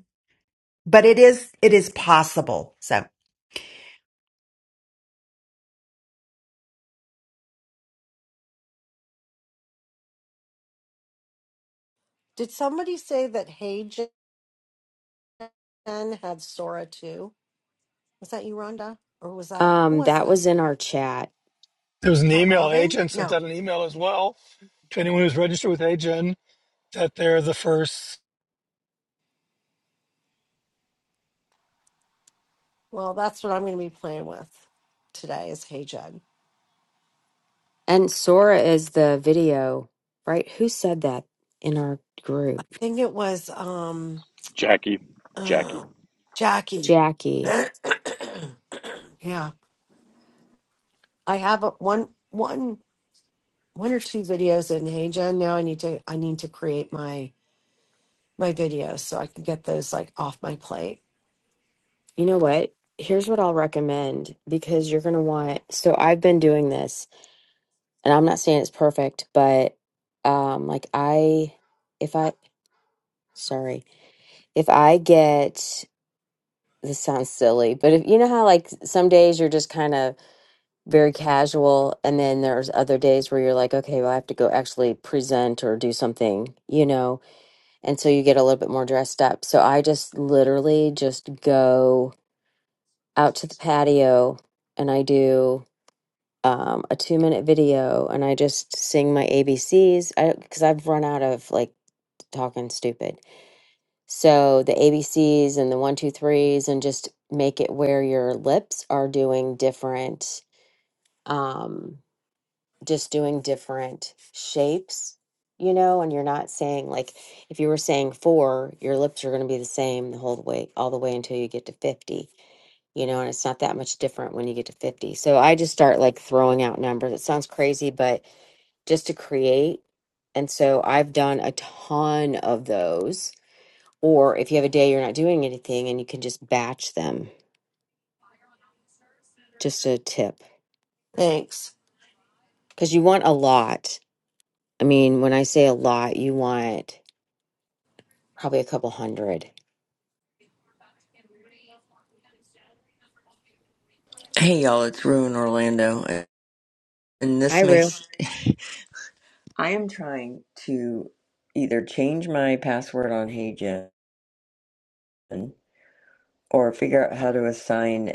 Speaker 10: but it is it is possible. So.
Speaker 5: Did somebody say that Hey Jen had Sora too? Was that you, Rhonda, or was that who
Speaker 1: Um,
Speaker 5: was
Speaker 1: that
Speaker 5: that?
Speaker 1: was in our chat.
Speaker 3: There was
Speaker 5: Is
Speaker 3: an
Speaker 5: that
Speaker 3: email
Speaker 5: Robin?
Speaker 3: agent sent
Speaker 5: No.
Speaker 3: out an email as well to anyone who's registered with AGEN that they're the first
Speaker 5: Well, that's what I'm going to be playing with today is Hey Jen. I
Speaker 1: And Sora is the video, right? Who said that in our group?
Speaker 5: think it was. um
Speaker 4: Jackie, Jackie.
Speaker 5: Um, Jackie.
Speaker 1: Jackie.
Speaker 5: yeah, I have a, one, one, one or two videos in. Hey, Jen. Now I need to, I need to create my my videos so I can get those like off my plate.
Speaker 1: You know what? Here's what I'll recommend because you're going to want. So I've been doing this and I'm not saying it's perfect, but um like I if I sorry, if I get this sounds silly, but if you know how like some days you're just kind of very casual and then there's other days where you're like, okay, well I have to go actually present or do something, you know and so you get a little bit more dressed up. So I just literally just go out to the patio and I do um, a two minute video and I just sing my ABCs because I've run out of like talking stupid. So the ABCs and the one, two, threes, and just make it where your lips are doing different. Um, just doing different shapes, you know, and you're not saying like if you were saying four, your lips are going to be the same the whole way, all the way until you get to 50, you know, and it's not that much different when you get to 50. So I just start like throwing out numbers. It sounds crazy, but just to create. And so I've done a ton of those. Or if you have a day you're not doing anything and you can just batch them, just a tip.
Speaker 5: Thanks.
Speaker 1: Because you want a lot. I mean, when I say a lot, you want. probably a couple hundred.
Speaker 11: Hey y'all, it's Rue in Orlando, and
Speaker 1: Hi,
Speaker 11: this
Speaker 1: Rue.
Speaker 11: makes I am trying to either change my password on HeyGen or figure out how to assign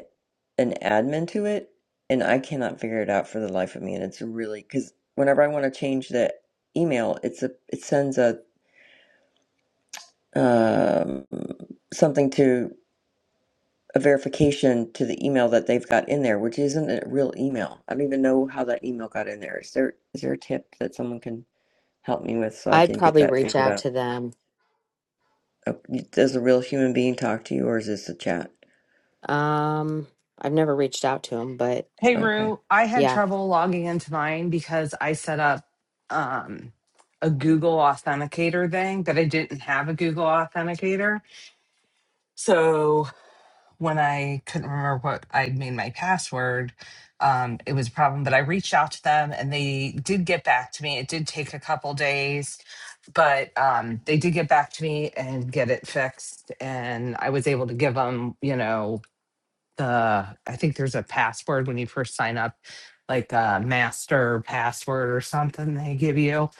Speaker 11: an admin to it, and I cannot figure it out for the life of me. And it's really because whenever I want to change the email, it's a it sends a um, something to a verification to the email that they've got in there, which isn't a real email. I don't even know how that email got in there. Is there is there a tip that someone can? help me with so I
Speaker 1: I'd
Speaker 11: can get
Speaker 1: probably
Speaker 11: that
Speaker 1: reach
Speaker 11: figured
Speaker 1: out
Speaker 11: out.
Speaker 1: to them.
Speaker 11: Oh, Does a real human being talk to you or is this a chat?
Speaker 1: Um, I've never reached out to them, but
Speaker 12: Hey
Speaker 11: Okay,
Speaker 12: Rue, I had
Speaker 1: yeah,
Speaker 12: trouble logging into mine because I set up um, a Google Authenticator thing, but I didn't have a Google Authenticator. So when I couldn't remember what I'd made my password, um, it was a problem. But I reached out to them and they did get back to me. It did take a couple days, but um, they did get back to me and get it fixed. And I was able to give them, you know, uh I think there's a password when you first sign up, like a master password or something they give you.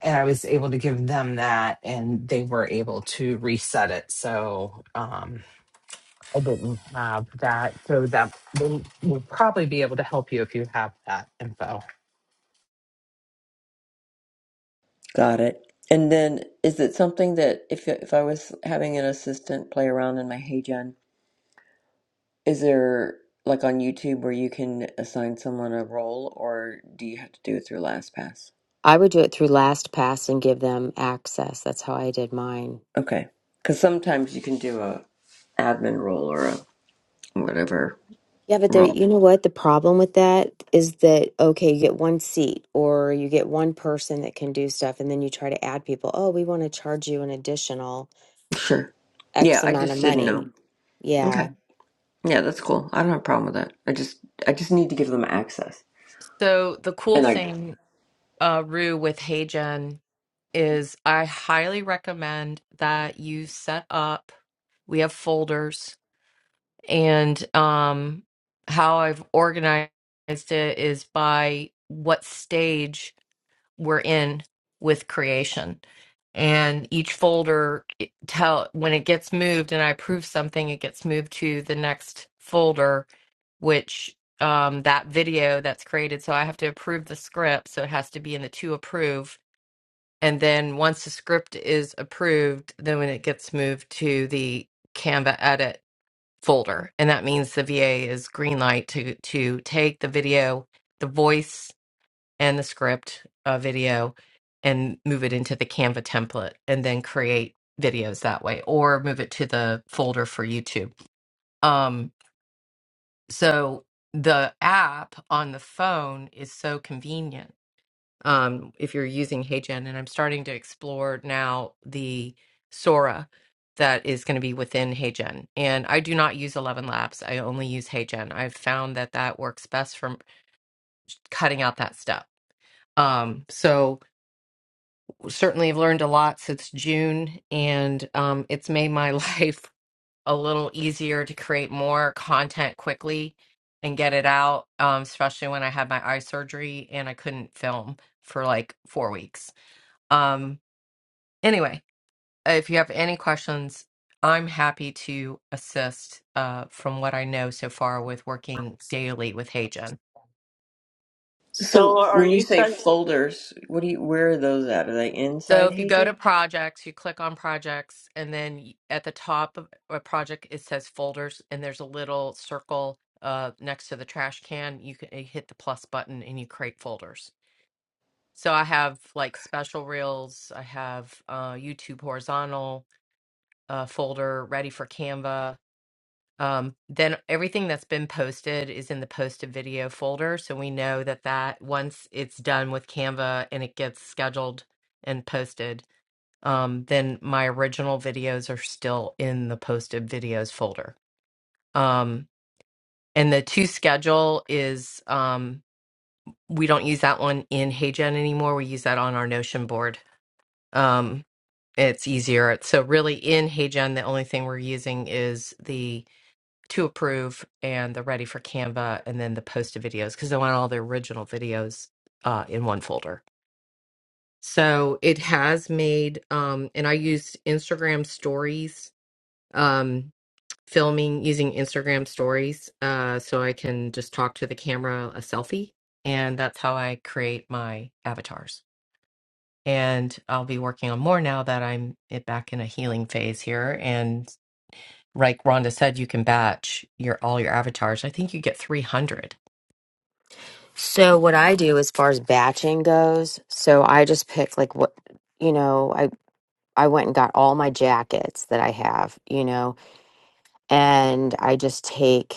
Speaker 12: And I was able to give them that and they were able to reset it. So um I didn't have that. So that they will probably be able to help you if you have that info.
Speaker 11: got it. And then is it something that if if I was having an assistant play around in my HeyGen, is there like on YouTube where you can assign someone a role or do you have to do it through LastPass?
Speaker 1: I would do it through LastPass and give them access. That's how I did mine.
Speaker 11: Okay. Cuz sometimes you can do a admin role or a whatever
Speaker 1: Yeah, but the
Speaker 11: role.
Speaker 1: you know what the problem with that is that okay, you get one seat or you get one person that can do stuff, and then you try to add people. Oh, we want to charge you an additional
Speaker 11: Sure. Yeah,
Speaker 1: X
Speaker 11: I
Speaker 1: amount of
Speaker 11: just didn't know.
Speaker 1: money.
Speaker 11: Okay.
Speaker 1: Yeah.
Speaker 11: Yeah, that's cool. I don't have a problem with that. I just I just need to give them access.
Speaker 2: So the cool
Speaker 11: And I
Speaker 2: thing, uh, Rue, with HeyGen is I highly recommend that you set up. We have folders, and um, how I've organized it is by what stage we're in with creation. And each folder it tell when it gets moved and I approve something, it gets moved to the next folder, which um, that video that's created. So I have to approve the script. So it has to be in the to approve. And then once the script is approved, then when it gets moved to the Canva edit folder. And that means the VA is green light to to take the video, the voice and the script uh, video and move it into the Canva template and then create videos that way or move it to the folder for YouTube. Um, so the app on the phone is so convenient um, if you're using HeyGen. And I'm starting to explore now the Sora that is going to be within HeyGen. And I do not use 11 Labs. I only use HeyGen. I've found that that works best from cutting out that step. Um, so certainly have learned a lot since June, and um, it's made my life a little easier to create more content quickly and get it out, um, especially when I had my eye surgery and I couldn't film for like four weeks. Um, anyway, if you have any questions, I'm happy to assist uh, from what I know so far with working daily with HeyGen.
Speaker 6: So
Speaker 11: so
Speaker 6: are
Speaker 11: when you
Speaker 6: you
Speaker 11: say
Speaker 6: guys?
Speaker 11: folders, what do you where are those at? Are they
Speaker 2: So
Speaker 11: inside
Speaker 2: if you go
Speaker 11: HeyGen?
Speaker 2: to projects, you click on projects, and then y- at the top of a project, it says folders, and there's a little circle uh, next to the trash can. You can you hit the plus button and you create folders. So I have like special reels, I have uh, YouTube horizontal uh, folder ready for Canva. Um, then everything that's been posted is in the posted video folder. So we know that that once it's done with Canva and it gets scheduled and posted um, then my original videos are still in the posted videos folder. Um, and the to schedule is um, we don't use that one in HeyGen anymore. We use that on our Notion board. Um, it's easier. So really, in HeyGen, the only thing we're using is the to approve and the ready for Canva, and then the posted videos because I want all the original videos uh, in one folder. So it has made, um, and I used Instagram stories Um, filming using Instagram stories uh, so I can just talk to the camera a selfie. And that's how I create my avatars. And I'll be working on more now that I'm it- back in a healing phase here. And like Rhonda said, you can batch your all your avatars. I think you get 300.
Speaker 1: So what I do as far as batching goes, so I just pick like what you know. I. I went and got all my jackets that I have, you know, and I just take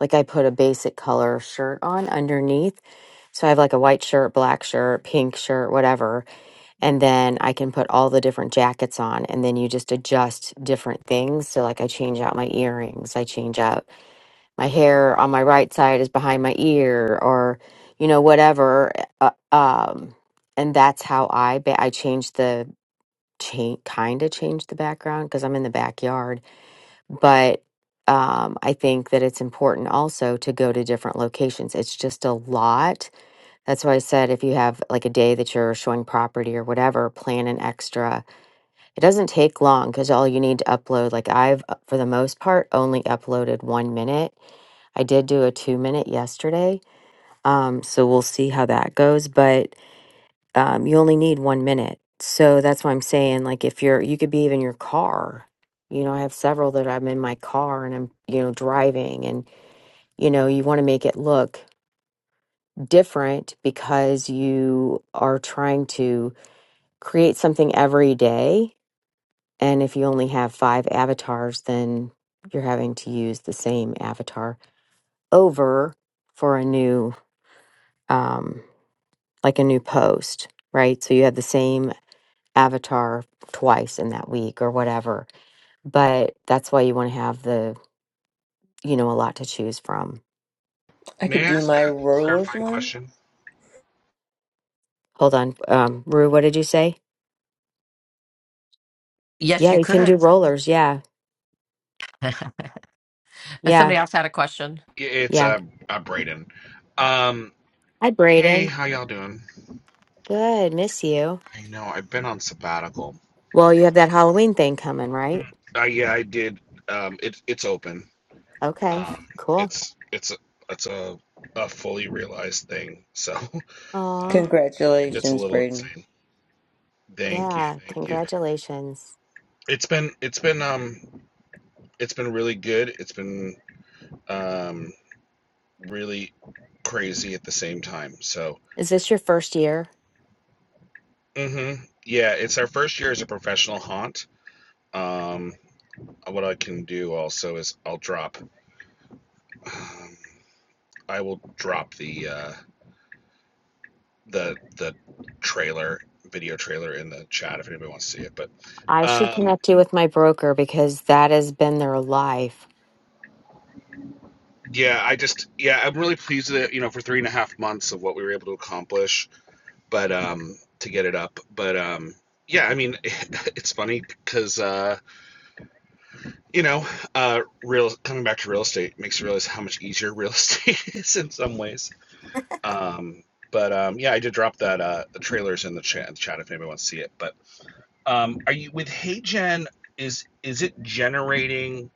Speaker 1: like I put a basic color shirt on underneath. So I have like a white shirt, black shirt, pink shirt, whatever, and then I can put all the different jackets on and then you just adjust different things. So like I change out my earrings, I change out my hair on my right side is behind my ear or you know whatever eh, uh, um and that's how I ba- I changed the change kind of change the background because I'm in the backyard, but um, I think that it's important also to go to different locations. It's just a lot. That's why I said if you have like a day that you're showing property or whatever, plan an extra. It doesn't take long because all you need to upload, like I've, uh, for the most part, only uploaded one minute. I did do a two minute yesterday. Um, so we'll see how that goes. But um, you only need one minute. So that's why I'm saying, like, if you're, you could be even your car. You know, I have several that I'm in my car and I'm, you know, driving, and, you know, you want to make it look different because you are trying to create something every day. And if you only have five avatars, then you're having to use the same avatar over for a new, um, like a new post, right? So you have the same Avatar twice in that week or whatever. But that's why you want to have the, you know, a lot to choose from.
Speaker 11: I
Speaker 13: May
Speaker 11: could
Speaker 13: I
Speaker 11: do
Speaker 13: ask
Speaker 11: my
Speaker 13: a
Speaker 11: rollers
Speaker 13: clarifying
Speaker 11: one.
Speaker 13: question?
Speaker 1: Hold on. Um, Rue, what did you say?
Speaker 2: Yes,
Speaker 1: Yeah,
Speaker 2: you
Speaker 1: you can do
Speaker 2: could.
Speaker 1: rollers. Yeah.
Speaker 2: And
Speaker 1: Yeah.
Speaker 2: somebody else had a question.
Speaker 13: It's
Speaker 1: Yeah.
Speaker 13: uh, uh Braden. Um,
Speaker 1: Hi,
Speaker 13: hey,
Speaker 1: Braden.
Speaker 13: how y'all doing?
Speaker 1: Good. Miss you.
Speaker 13: I know I've been on sabbatical.
Speaker 1: Well, you have that Halloween thing coming, right?
Speaker 13: Uh, yeah, I did. Um, it, it's open.
Speaker 1: Okay.
Speaker 13: Um,
Speaker 1: Cool.
Speaker 13: it's it's a, it's a, a fully realized thing. So,
Speaker 1: Aw.
Speaker 13: um, it's a
Speaker 11: Congratulations,
Speaker 13: little
Speaker 11: Braden.
Speaker 13: insane. Thank you,
Speaker 1: Yeah.
Speaker 13: thank you.
Speaker 1: Congratulations.
Speaker 13: It's been it's been um it's been really good. It's been um really crazy at the same time. So,
Speaker 1: Is this your first year?
Speaker 13: hmm yeah, it's our first year as a professional haunt Um, what I can do also is I'll drop. Um, I will drop the uh, the the trailer, video trailer, in the chat if anybody wants to see it. But
Speaker 1: I should
Speaker 13: um,
Speaker 1: connect you with my broker because that has been their life.
Speaker 13: yeah, I just yeah, I'm really pleased with it. You know, for three and a half months of what we were able to accomplish, but um, to get it up, but um, yeah, I mean, it's funny because uh, you know, uh, real coming back to real estate makes you realize how much easier real estate is in some ways Um, but um, yeah, I did drop that uh, the trailers in the chat, chat if anybody wants to see it. But um, are you with HeyGen? Is is it generating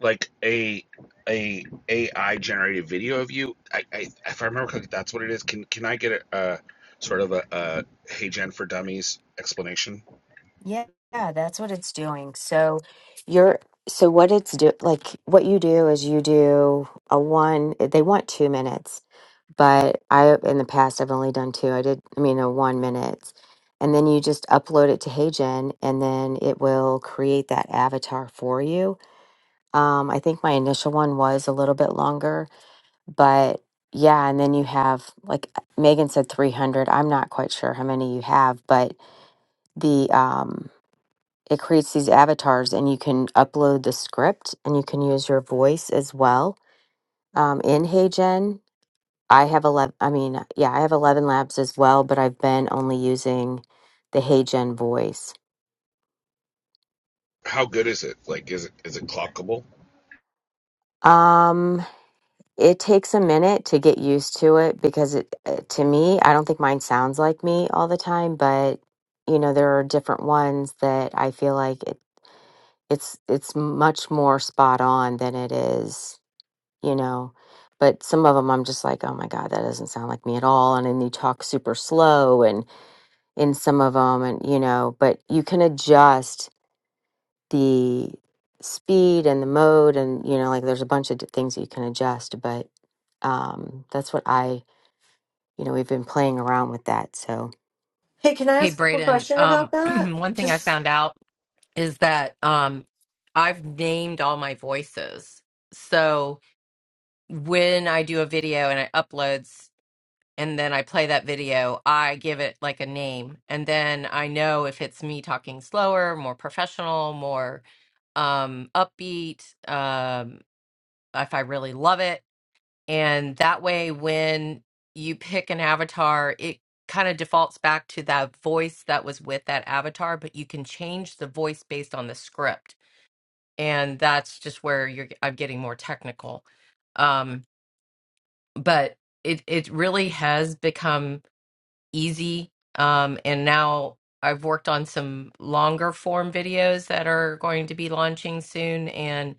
Speaker 13: like a a AI generated video of you? I, I if I remember correctly, that's what it is. Can can I get a, a sort of a, a HeyGen for Dummies explanation?
Speaker 1: Yeah, that's what it's doing. So you're so what it's do like what you do is you do a one they want 2 minutes, but I in the past I've only done 2. I did I mean a 1 minute. And then you just upload it to HeyGen and then it will create that avatar for you. Um I think my initial one was a little bit longer, but yeah, and then you have like Megan said 300. I'm not quite sure how many you have, but the um it creates these avatars and you can upload the script and you can use your voice as well um, in heygen i have 11 i mean yeah i have 11 labs as well but i've been only using the heygen voice
Speaker 13: How good is it? Like, is it is it clockable?
Speaker 1: um it takes a minute to get used to it because it uh, to me i don't think mine sounds like me all the time but you know there are different ones that i feel like it, it's it's much more spot on than it is you know. But some of them I'm just like, oh my God, that doesn't sound like me at all. And then you talk super slow and in some of them, and you know, but you can adjust the speed and the mode. And, you know, like there's a bunch of d- things that you can adjust. But um, that's what I, you know, we've been playing around with that. So
Speaker 5: Hey, can I
Speaker 2: Hey,
Speaker 5: ask a quick
Speaker 2: Braden.
Speaker 5: question about
Speaker 2: Um,
Speaker 5: that?
Speaker 2: one thing I
Speaker 5: Just
Speaker 2: found out is that um, I've named all my voices. So when I do a video and it uploads and then I play that video, I give it like a name. And then I know if it's me talking slower, more professional, more um, upbeat, um, if I really love it. And that way, when you pick an avatar, it kind of defaults back to that voice that was with that avatar, but you can change the voice based on the script. And that's just where you're, I'm getting more technical Um, but it it really has become easy um and now I've worked on some longer form videos that are going to be launching soon and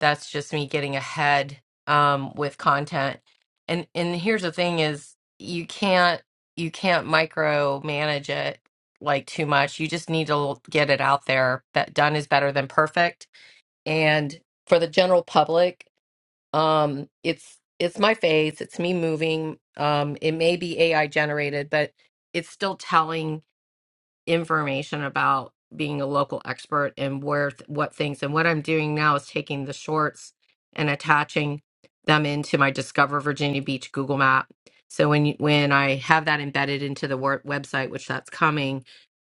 Speaker 2: that's just me getting ahead um with content and and here's the thing is you can't you can't micromanage it like too much you just need to l- get it out there that done is better than perfect and for the general public um, it's it's my face, it's me moving. Um, it may be AI generated, but it's still telling information about being a local expert and where th- what things. And what I'm doing now is taking the shorts and attaching them into my Discover Virginia Beach Google Map. So when you, when I have that embedded into the wor- website, which that's coming,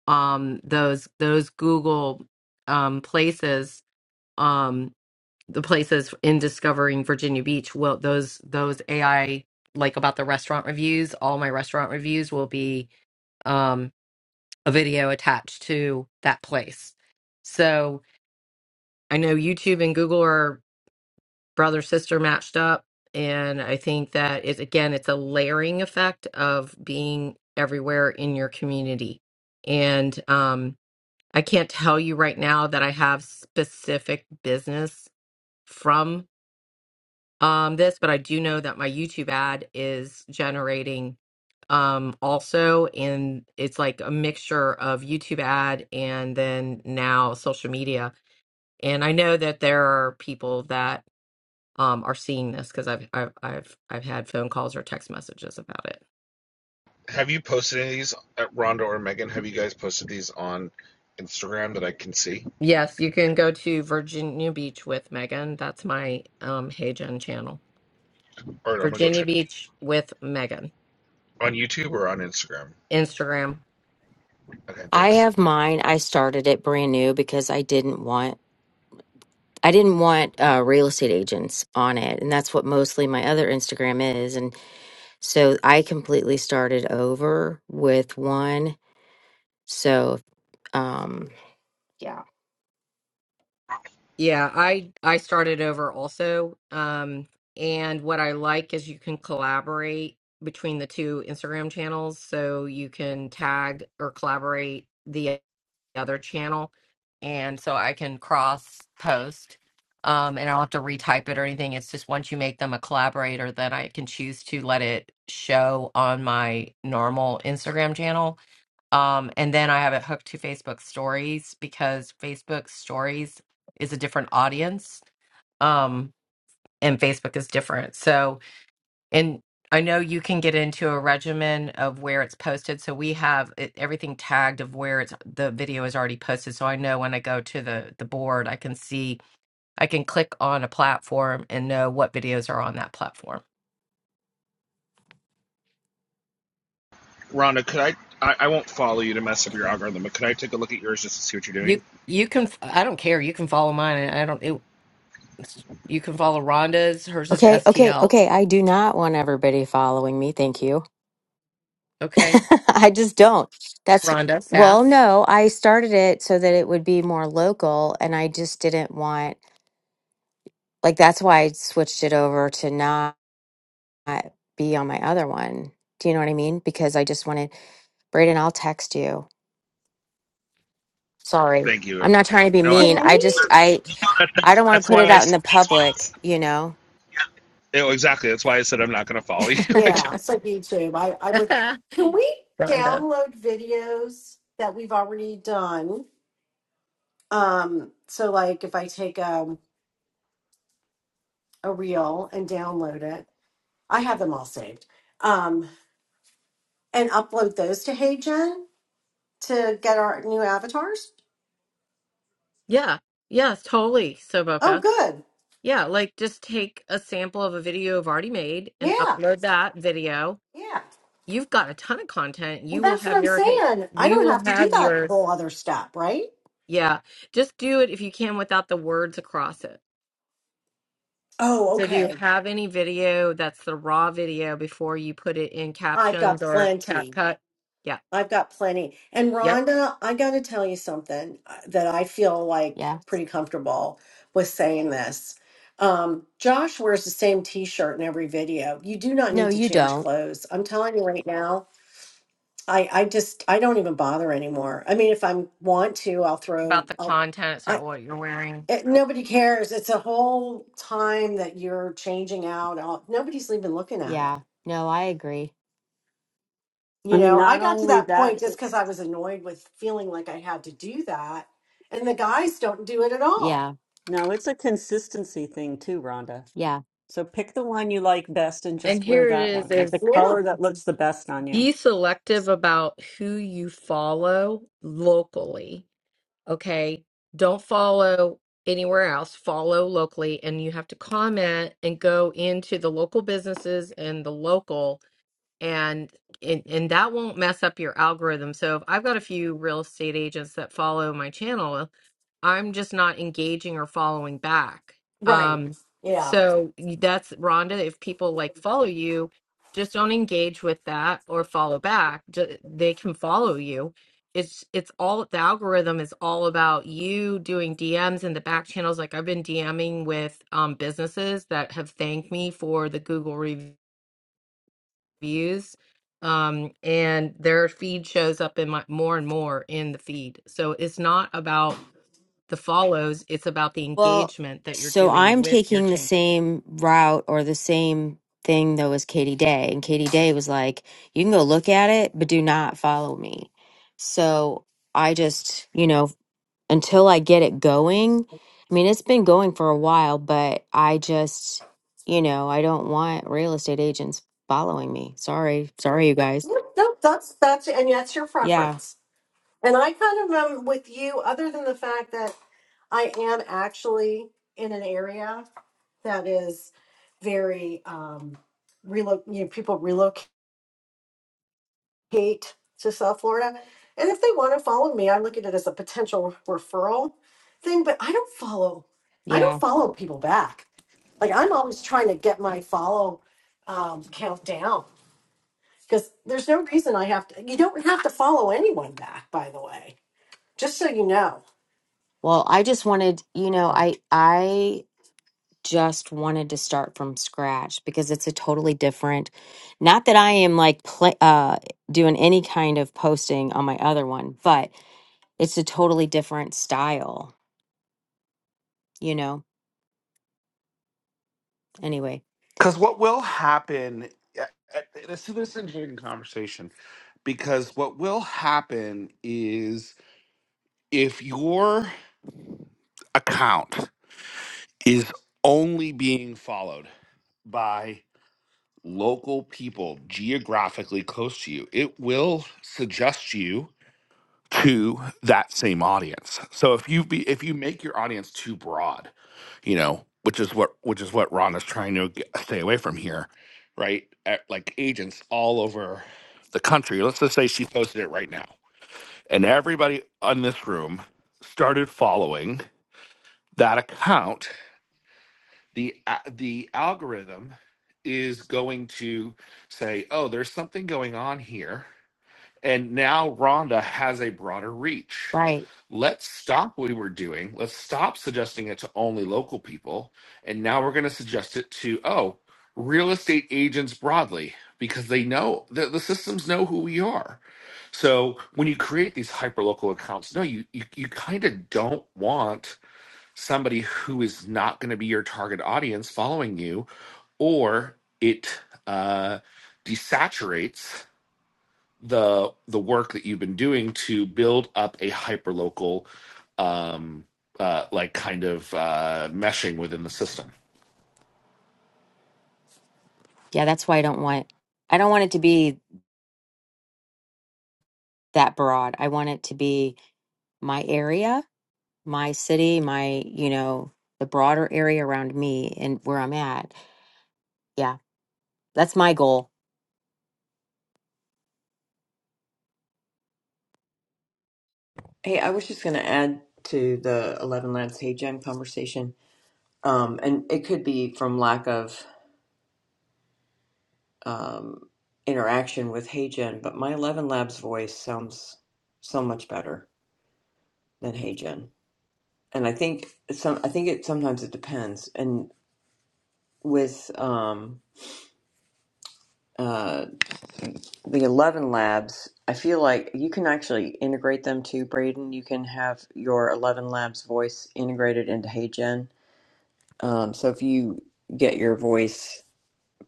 Speaker 2: um, those those Google um, places um, the places in discovering Virginia Beach will those those AI like about the restaurant reviews, all my restaurant reviews will be um a video attached to that place. So I know YouTube and Google are brother sister matched up and I think that it again it's a layering effect of being everywhere in your community. And um I can't tell you right now that I have specific business from um, this, but I do know that my YouTube ad is generating um, also, and it's like a mixture of YouTube ad and then now social media. And I know that there are people that um, are seeing this because I've, I've I've I've had phone calls or text messages about it.
Speaker 13: Have you posted any of these at Rhonda or Megan? Have you guys posted these on Instagram that I can see?
Speaker 2: Yes, you can go to Virginia Beach with Megan. That's my um, Hey Jen channel.
Speaker 13: All right, I'm gonna go
Speaker 2: Virginia
Speaker 13: check.
Speaker 2: Beach with Megan.
Speaker 13: On YouTube or on Instagram?
Speaker 2: Instagram.
Speaker 13: Okay,
Speaker 1: I
Speaker 13: thanks.
Speaker 1: have mine. I started it brand new because I didn't want. I didn't want uh, real estate agents on it, and that's what mostly my other Instagram is. And So I completely started over with one. So, um, yeah.
Speaker 2: Yeah, I I started over also. Um, and what I like is you can collaborate between the two Instagram channels, so you can tag or collaborate the other channel, and so I can cross post. Um, and I don't have to retype it or anything. It's just once you make them a collaborator, then I can choose to let it show on my normal Instagram channel um, and then I have it hooked to Facebook stories because Facebook stories is a different audience. Um, and Facebook is different. So, and I know you can get into a regimen of where it's posted. So we have it, everything tagged of where it's the video is already posted. So I know when I go to the the board, I can see I can click on a platform and know what videos are on that platform.
Speaker 13: Rhonda, could I, I? I won't follow you to mess up your algorithm, but could I take a look at yours just to see what you're doing?
Speaker 2: You you can I don't care. You can follow mine. and I don't. It, you can follow Rhonda's. Hers is
Speaker 1: Okay, okay,
Speaker 2: STL
Speaker 1: okay. I do not want everybody following me. Thank you.
Speaker 2: Okay.
Speaker 1: I just don't. That's,
Speaker 2: Rhonda,
Speaker 1: well,
Speaker 2: Sass.
Speaker 1: no, I started it so that it would be more local and I just didn't want, like, that's why I switched it over to not be on my other one. Do you know what I mean? Because I just wanted, Braden, I'll text you. Sorry.
Speaker 13: Thank you.
Speaker 1: I'm not trying to be
Speaker 13: No, I,
Speaker 1: mean.
Speaker 5: can
Speaker 1: I just,
Speaker 5: we?
Speaker 1: I, I don't want to
Speaker 13: that's
Speaker 1: put it
Speaker 13: why I
Speaker 1: out in
Speaker 13: said.
Speaker 1: the
Speaker 13: That's why I
Speaker 1: public,
Speaker 13: said
Speaker 1: you know?
Speaker 13: Oh, exactly. That's why I said I'm not going to follow you. I didn't-
Speaker 5: Yeah, it's like YouTube. I I would. Can we
Speaker 2: Rhonda.
Speaker 5: download videos that we've already done? Um, so like if I take um a reel and download it I have them all saved. Um, and upload those to HeyGen to get our new avatars.
Speaker 2: Yeah. Yeah, totally,
Speaker 5: Oh,
Speaker 2: Soboka.
Speaker 5: good.
Speaker 2: Yeah, like just take a sample of a video I've already made and
Speaker 5: Yeah.
Speaker 2: upload that video.
Speaker 5: Yeah.
Speaker 2: You've got a ton of content.
Speaker 5: Well,
Speaker 2: You will
Speaker 5: that's what
Speaker 2: have
Speaker 5: I'm
Speaker 2: your
Speaker 5: saying. I
Speaker 2: you
Speaker 5: don't
Speaker 2: will
Speaker 5: have to do
Speaker 2: have
Speaker 5: that
Speaker 2: yours.
Speaker 5: whole other step, right?
Speaker 2: Yeah. Just do it if you can without the words across it.
Speaker 5: Oh,
Speaker 2: So do you
Speaker 5: okay.
Speaker 2: have any video that's the raw video before you put it in
Speaker 5: I've got
Speaker 2: captions or
Speaker 5: plenty.
Speaker 2: CapCut? Yeah.
Speaker 5: I've got plenty. And
Speaker 2: Yep.
Speaker 5: Rhonda, I got to tell you something uh, that I feel like
Speaker 1: Yeah.
Speaker 5: pretty comfortable with saying this. Um, Josh wears the same t shirt in every video. You do not
Speaker 1: No,
Speaker 5: need to
Speaker 1: you
Speaker 5: change
Speaker 1: don't.
Speaker 5: clothes. I'm telling you right now, I I just I don't even bother anymore. I mean, if I want to, I'll throw.
Speaker 2: About the
Speaker 5: I'll,
Speaker 2: content, it's
Speaker 5: I
Speaker 2: not what you're wearing.
Speaker 5: it, nobody cares. It's a whole time that you're changing out. All, nobody's even looking at it.
Speaker 1: Yeah. No, I agree.
Speaker 6: I
Speaker 5: You
Speaker 6: mean,
Speaker 5: know, I
Speaker 6: not
Speaker 5: got to
Speaker 6: only
Speaker 5: that
Speaker 6: that,
Speaker 5: point just
Speaker 6: it-
Speaker 5: because I was annoyed with feeling like I had to do that, and the guys don't do it at all.
Speaker 1: Yeah.
Speaker 6: no, it's a consistency thing too, Rhonda.
Speaker 1: Yeah.
Speaker 6: So pick the one you like best and
Speaker 2: And
Speaker 6: just wear
Speaker 2: here it
Speaker 6: that
Speaker 2: is
Speaker 6: one, like
Speaker 2: is.
Speaker 6: the
Speaker 2: Is
Speaker 5: Yeah,
Speaker 6: color that looks the best on you.
Speaker 2: be selective about who you follow locally, okay? Don't follow anywhere else, follow locally, and you have to comment and go into the local businesses and the local and and, and that won't mess up your algorithm. So if I've got a few real estate agents that follow my channel, I'm just not engaging or following back.
Speaker 5: right.
Speaker 2: Um,
Speaker 5: Yeah,
Speaker 2: so that's Rhonda. If people like follow you, just don't engage with that or follow back. Ju- They can follow you. It's it's all the algorithm is all about you doing DMs in the back channels. Like I've been DMing with um, businesses that have thanked me for the Google review views. Um, and their feed shows up in my more and more in the feed. So it's not about the follows, it's about the
Speaker 1: Well,
Speaker 2: engagement that you're
Speaker 1: so
Speaker 2: doing
Speaker 1: I'm
Speaker 2: with your
Speaker 1: taking the
Speaker 2: channel.
Speaker 1: same route or the same thing though as Katie Day. And Katie Day was like, you can go look at it, but do not follow me. So I just, you know, until I get it going, I mean, it's been going for a while, but I just, you know, I don't want real estate agents following me. Sorry. Sorry, you guys.
Speaker 5: Yep, no, that's that's and that's your
Speaker 1: Yeah,
Speaker 5: preference. And I kind of am with you, other than the fact that I am actually in an area. that is very um relo- you know, people relocate to South Florida. And if they want to follow me, I look at it as a potential referral thing, but I don't follow I don't
Speaker 1: yeah.
Speaker 5: follow people back. Like I'm always trying to get my follow um count down because there's no reason I have to you don't have to follow anyone back, by the way. Just so you know.
Speaker 1: Well, I just wanted, you know,
Speaker 5: Oh.
Speaker 1: I I just wanted to start from scratch because it's a totally different. Not that I am like play, uh doing any kind of posting on my other one, but it's a totally different style, you know. Anyway,
Speaker 13: Because what will happen? uh, uh, This is this interesting conversation because what will happen is if your account is only being followed by. local people geographically close to you, it will suggest you to that same audience. So if you be if you make your audience too broad, you know, which is what which is what Ron is trying to get, stay away from here, right? At, like agents all over the country. Let's just say she posted it right now, and everybody on this room started following that account the a- the algorithm is going to say, "Oh, there's something going on here," and now Rhonda has a broader reach.
Speaker 1: right.
Speaker 13: Let's stop what we were doing. Let's stop suggesting it to only local people, and now we're going to suggest it to oh, real estate agents broadly because they know the, the systems know who we are. So when you create these hyperlocal accounts, no, you you, you kind of don't want somebody who is not going to be your target audience following you or it uh, desaturates the the work that you've been doing to build up a hyperlocal um uh like kind of uh meshing within the system
Speaker 1: Yeah, that's why I don't want I don't want it to be that broad. I want it to be my area, my city, my, you know, the broader area around me and where I'm at. Yeah, that's my goal
Speaker 11: Hey, I was just gonna add to the Eleven Labs Hagent conversation. Um, and it could be from lack of um interaction with Hagent, but my Eleven Labs voice sounds so much better. than Hey Gen. And I think some I think it sometimes it depends. And with um uh the eleven labs, I feel like you can actually integrate them too, Braden. You can have your eleven labs voice integrated into Hey Gen. Um so if you get your voice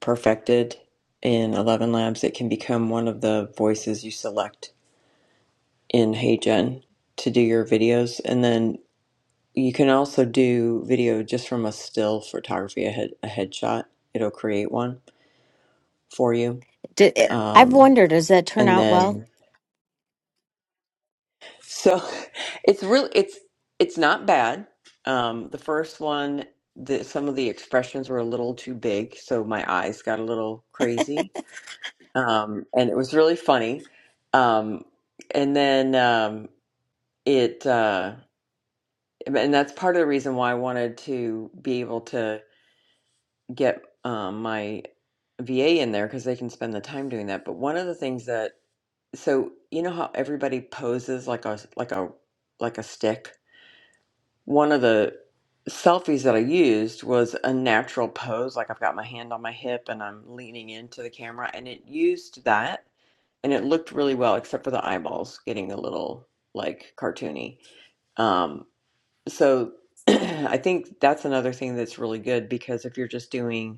Speaker 11: perfected in eleven labs, it can become one of the voices you select in Hey Gen to do your videos. And then You can also do video just from a still photography, a, head, a headshot. It'll create one for you.
Speaker 1: Did, eh, I've
Speaker 11: Um,
Speaker 1: wondered, does that turn
Speaker 11: and
Speaker 1: out well?
Speaker 11: then, so it's really, it's, it's not bad. Um, the first one, the, some of the expressions were a little too big. So my eyes got a little crazy. Um, and it was really funny. Um, and then, um, it, uh, and that's part of the reason why I wanted to be able to get um, my VA in there because they can spend the time doing that. But one of the things that so you know how everybody poses like a like a like a stick. One of the selfies that I used was a natural pose, like I've got my hand on my hip and I'm leaning into the camera, and it used that and it looked really well, except for the eyeballs getting a little like cartoony. Um, so I think that's another thing that's really good because if you're just doing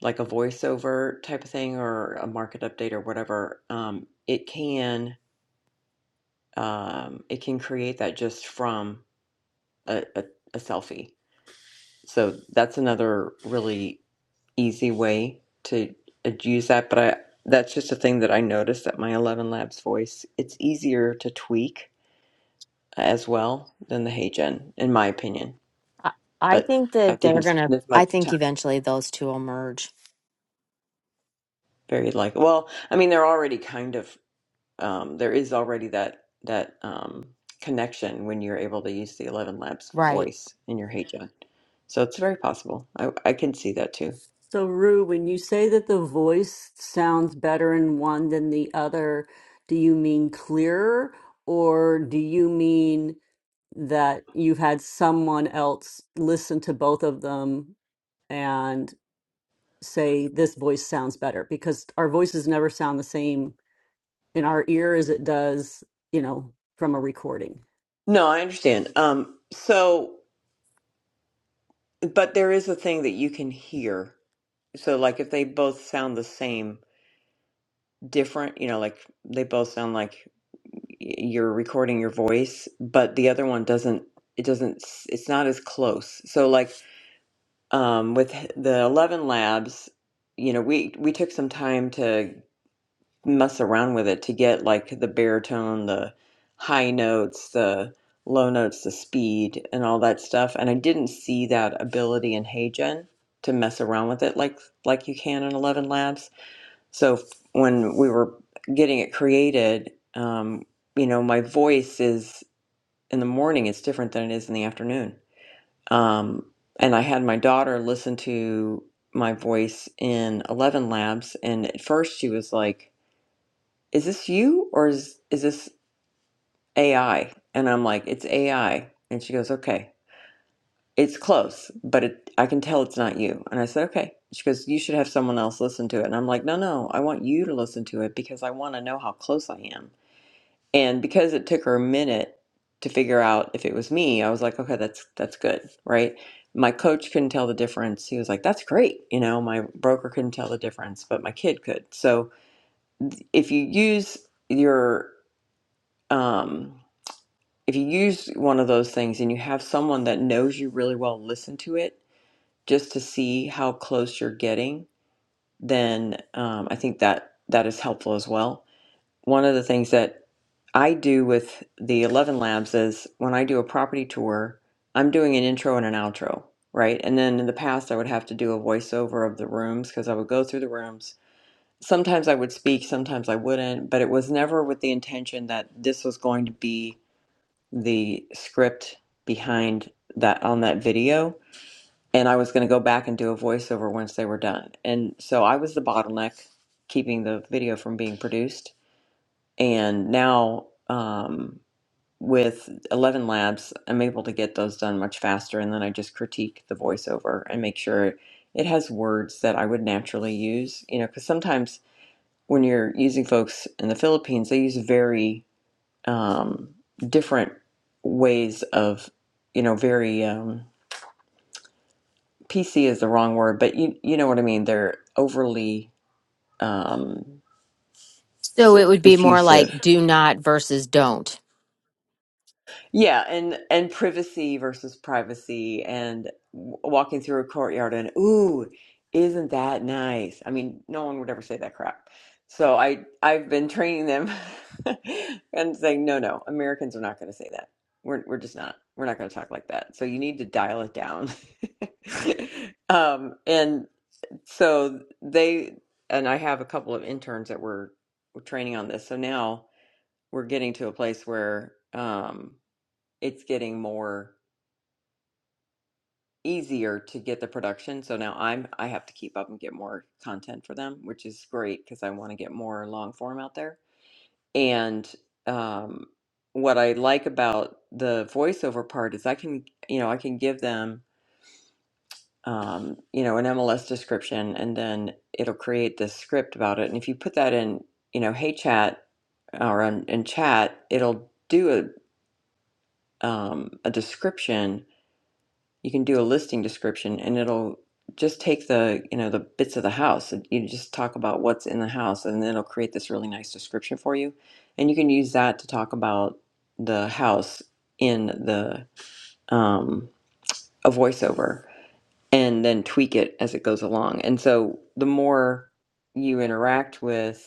Speaker 11: like a voiceover type of thing or a market update or whatever, um, it can um, it can create that just from a, a, a selfie. So that's another really easy way to uh, use that. But I, that's just a thing that I noticed that my Eleven Labs voice it's easier to tweak as well than the Hey Gen, in my opinion.
Speaker 1: I, I
Speaker 11: But
Speaker 1: think
Speaker 11: I
Speaker 1: that They're they're
Speaker 11: didn't spend
Speaker 1: gonna,
Speaker 11: as
Speaker 1: I
Speaker 11: much
Speaker 1: think
Speaker 11: time.
Speaker 1: eventually those two will merge.
Speaker 11: Very like well, I mean, they're already kind of. um, there is already that that um, connection when you're able to use the Eleven Labs
Speaker 1: right.
Speaker 11: voice in your Hey John. So it's very possible. I, I can see that too.
Speaker 6: So, Rue, when you say that the voice sounds better in one than the other, do you mean clearer or do you mean? that you've had someone else listen to both of them and say this voice sounds better because our voices never sound the same in our ear as it does you know from a recording
Speaker 11: No, I understand. Um, so, but there is a thing that you can hear. So, like if they both sound the same, different, you know, like they both sound like y- you're recording your voice, but the other one doesn't. It doesn't. s- It's not as close. So, like um, with the 11 labs you know we we took some time to mess around with it to get like the baritone the high notes the low notes the speed and all that stuff and i didn't see that ability in heygen to mess around with it like like you can in 11 labs so f- when we were getting it created um, you know my voice is in the morning it's different than it is in the afternoon um, and I had my daughter listen to my voice in Eleven Labs, and at first she was like, "Is this you or is is this AI?" And I'm like, "It's AI." And she goes, "Okay, it's close, but it, I can tell it's not you." And I said, "Okay." She goes, "You should have someone else listen to it." And I'm like, "No, no, I want you to listen to it because I want to know how close I am." And because it took her a minute to figure out if it was me, I was like, okay, that's that's good, right? My coach couldn't tell the difference. He was like, that's great. You know, my broker couldn't tell the difference, but my kid could. So if you use your um if you use one of those things and you have someone that knows you really well listen to it just to see how close you're getting, then um, I think that that is helpful as well one of the things that I do with the 11 labs is when I do a property tour, I'm doing an intro and an outro, right? And then in the past, I would have to do a voiceover of the rooms because I would go through the rooms. Sometimes I would speak, sometimes I wouldn't, but it was never with the intention that this was going to be the script behind that on that video. And I was going to go back and do a voiceover once they were done. And so I was the bottleneck keeping the video from being produced and now um, with 11 labs, I'm able to get those done much faster. And then I just critique the voiceover and make sure it has words that I would naturally use. You know, because sometimes when you're using folks in the Philippines, they use very um, different ways of, you know, very um, PC is the wrong word, but you you know what I mean. They're overly um,
Speaker 1: So it would be more
Speaker 11: effusive
Speaker 1: like do not versus don't.
Speaker 11: Yeah, and and privacy versus privacy, and w- walking through a courtyard, and ooh, isn't that nice? I mean, no one would ever say that crap. So I I've been training them and saying, no, no, Americans are not going to say that. We're we're just not. We're not going to talk like that. So you need to dial it down. um, and so they and I have a couple of interns that were, were training on this. So now we're getting to a place where. Um, it's getting more easier to get the production. So now I'm I have to keep up and get more content for them, which is great because I want to get more long form out there. And um, what I like about the voiceover part is I can you know I can give them um, you know an MLS description and then it'll create this script about it. And if you put that in you know Hey Chat or in, in chat, it'll do a um, a description you can do a listing description and it'll just take the you know the bits of the house you just talk about what's in the house and then it'll create this really nice description for you and you can use that to talk about the house in the um, a voiceover and then tweak it as it goes along and so the more you interact with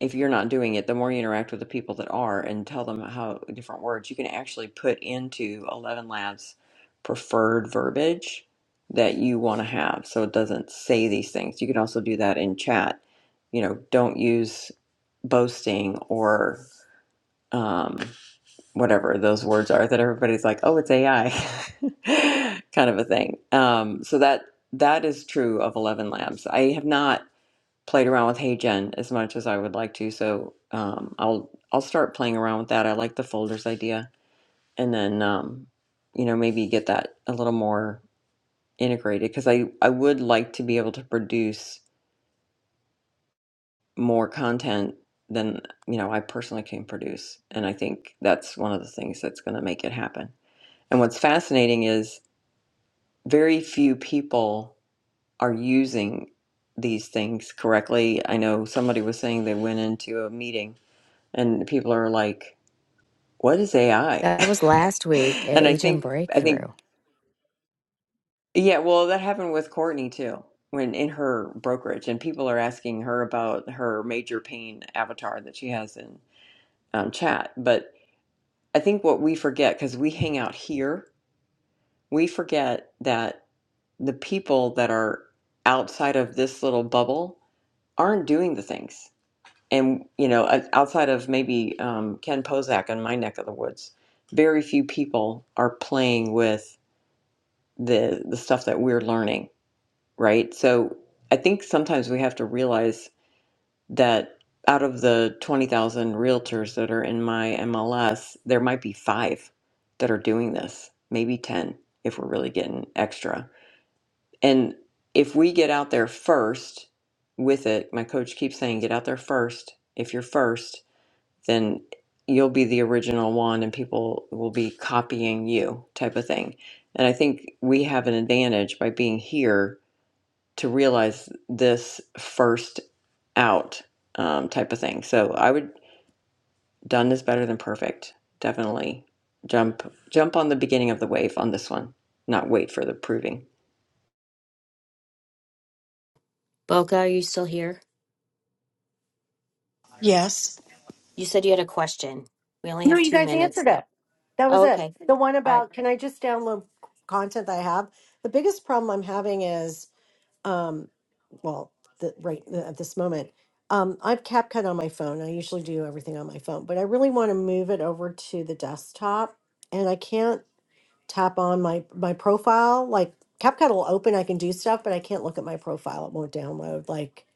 Speaker 11: if you're not doing it, the more you interact with the people that are and tell them how different words, you can actually put into 11 Labs preferred verbiage that you want to have. So it doesn't say these things. You can also do that in chat. You know, don't use boasting or um, whatever those words are that everybody's like, oh, it's AI kind of a thing. Um, so that that is true of 11 Labs. I have not played around with HeyGen as much as I would like to. So um, I'll I'll start playing around with that. I like the folders idea, and then um, you know maybe get that a little more integrated because I I would like to be able to produce more content than you know I personally can produce, and I think that's one of the things that's going to make it happen. And what's fascinating is very few people are using these things correctly. I know somebody was saying they went into a meeting and people are like what is ai
Speaker 1: That was last week at
Speaker 11: and i
Speaker 1: Agent
Speaker 11: think i think
Speaker 1: Breakthrough.
Speaker 11: yeah well that happened with courtney too when in her brokerage and people are asking her about her major pain avatar that she has in um, chat but i think what we forget because we hang out here we forget that the people that are outside of this little bubble aren't doing the things and you know o- outside of maybe um, ken pozak in my neck of the woods very few people are playing with the the stuff that we're learning right so i think sometimes we have to realize that out of the 20000 realtors that are in my mls there might be five that are doing this maybe 10 if we're really getting extra and if we get out there first with it my coach keeps saying get out there first if you're first then you'll be the original one and people will be copying you type of thing and i think we have an advantage by being here to realize this first out um, type of thing so i would done is better than perfect definitely jump jump on the beginning of the wave on this one not wait for the proving
Speaker 1: Boca, are you still here?
Speaker 5: Yes.
Speaker 1: You said you had a question. We only
Speaker 5: No,
Speaker 1: have
Speaker 5: you
Speaker 1: two
Speaker 5: guys
Speaker 1: minutes
Speaker 5: answered it.
Speaker 1: though.
Speaker 5: That
Speaker 1: Oh,
Speaker 5: was it.
Speaker 1: okay.
Speaker 5: The one
Speaker 1: All right.
Speaker 5: about can I just download content that I have? The biggest problem I'm having is, um, well, the, right at this moment, um, I've CapCut on my phone. I usually do everything on my phone, but I really want to move it over to the desktop, and I can't tap on my my profile. Like CapCut will open, I can do stuff, but I can't look at my profile. It won't download. Like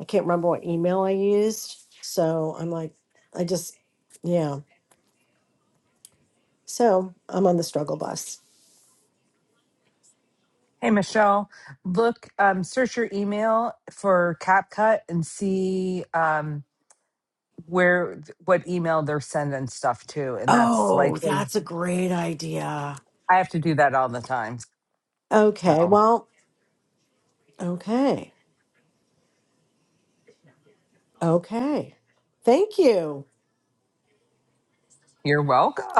Speaker 5: I can't remember what email I used, so I'm like, I just yeah. So I'm on the struggle bus.
Speaker 12: Hey, Michelle, look, um, search your email for CapCut and see um, where what email they're sending stuff to, and that's
Speaker 5: Oh,
Speaker 12: likely.
Speaker 5: that's a great idea.
Speaker 12: I have to do that all the time.
Speaker 5: Okay.
Speaker 12: So
Speaker 5: Well, okay. Okay. Thank you.
Speaker 12: you're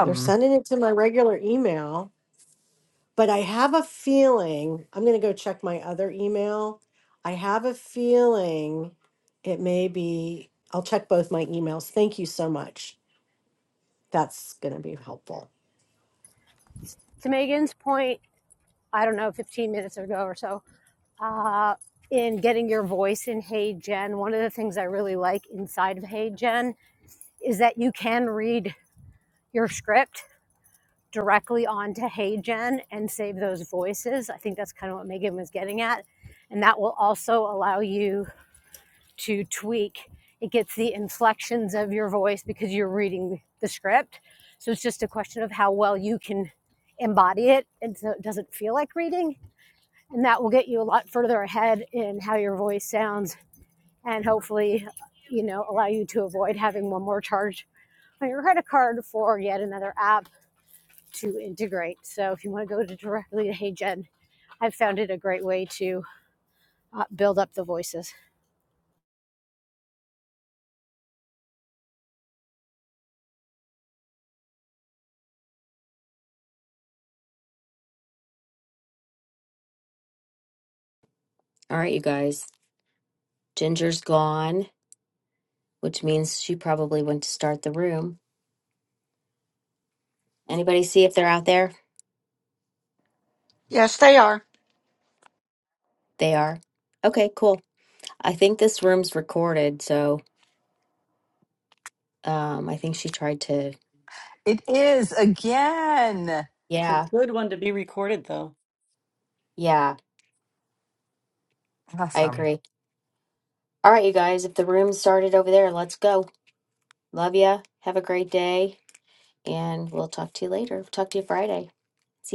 Speaker 5: They're sending it to my regular email, but I have a feeling I'm going to go check my other email. I have a feeling it may be, I'll check both my emails. Thank you so much. That's going to be helpful.
Speaker 14: to Megan's point, I don't know, 15 minutes ago or so, uh, in getting your voice in Hey Gen, one of the things I really like inside of Hey Gen is that you can read your script directly onto Hey Gen and save those voices. I think that's kind of what Megan was getting at. And that will also allow you to tweak. It gets the inflections of your voice because you're reading the script. So it's just a question of how well you can embody it. And so it doesn't feel like reading and that will get you a lot further ahead in how your voice sounds and hopefully you know allow you to avoid having one more charge on your credit card for yet another app to integrate so if you want to go to directly to hey general i've found it a great way to uh, build up the voices
Speaker 1: All right, you guys. Ginger's gone, which means she probably went to start the room. Anybody see if they're out there?
Speaker 15: Yes, they are.
Speaker 1: They are. Okay, cool. I think this room's recorded, so. Um, I think she tried to.
Speaker 12: It is again.
Speaker 6: it's a
Speaker 1: Yeah,
Speaker 6: good one to be recorded though
Speaker 1: yeah, I
Speaker 12: Awesome.
Speaker 1: agree. All right, you guys, if the room started over there, let's go. Love ya. Have a great day, and we'll talk to you later. Talk to you Friday. See ya.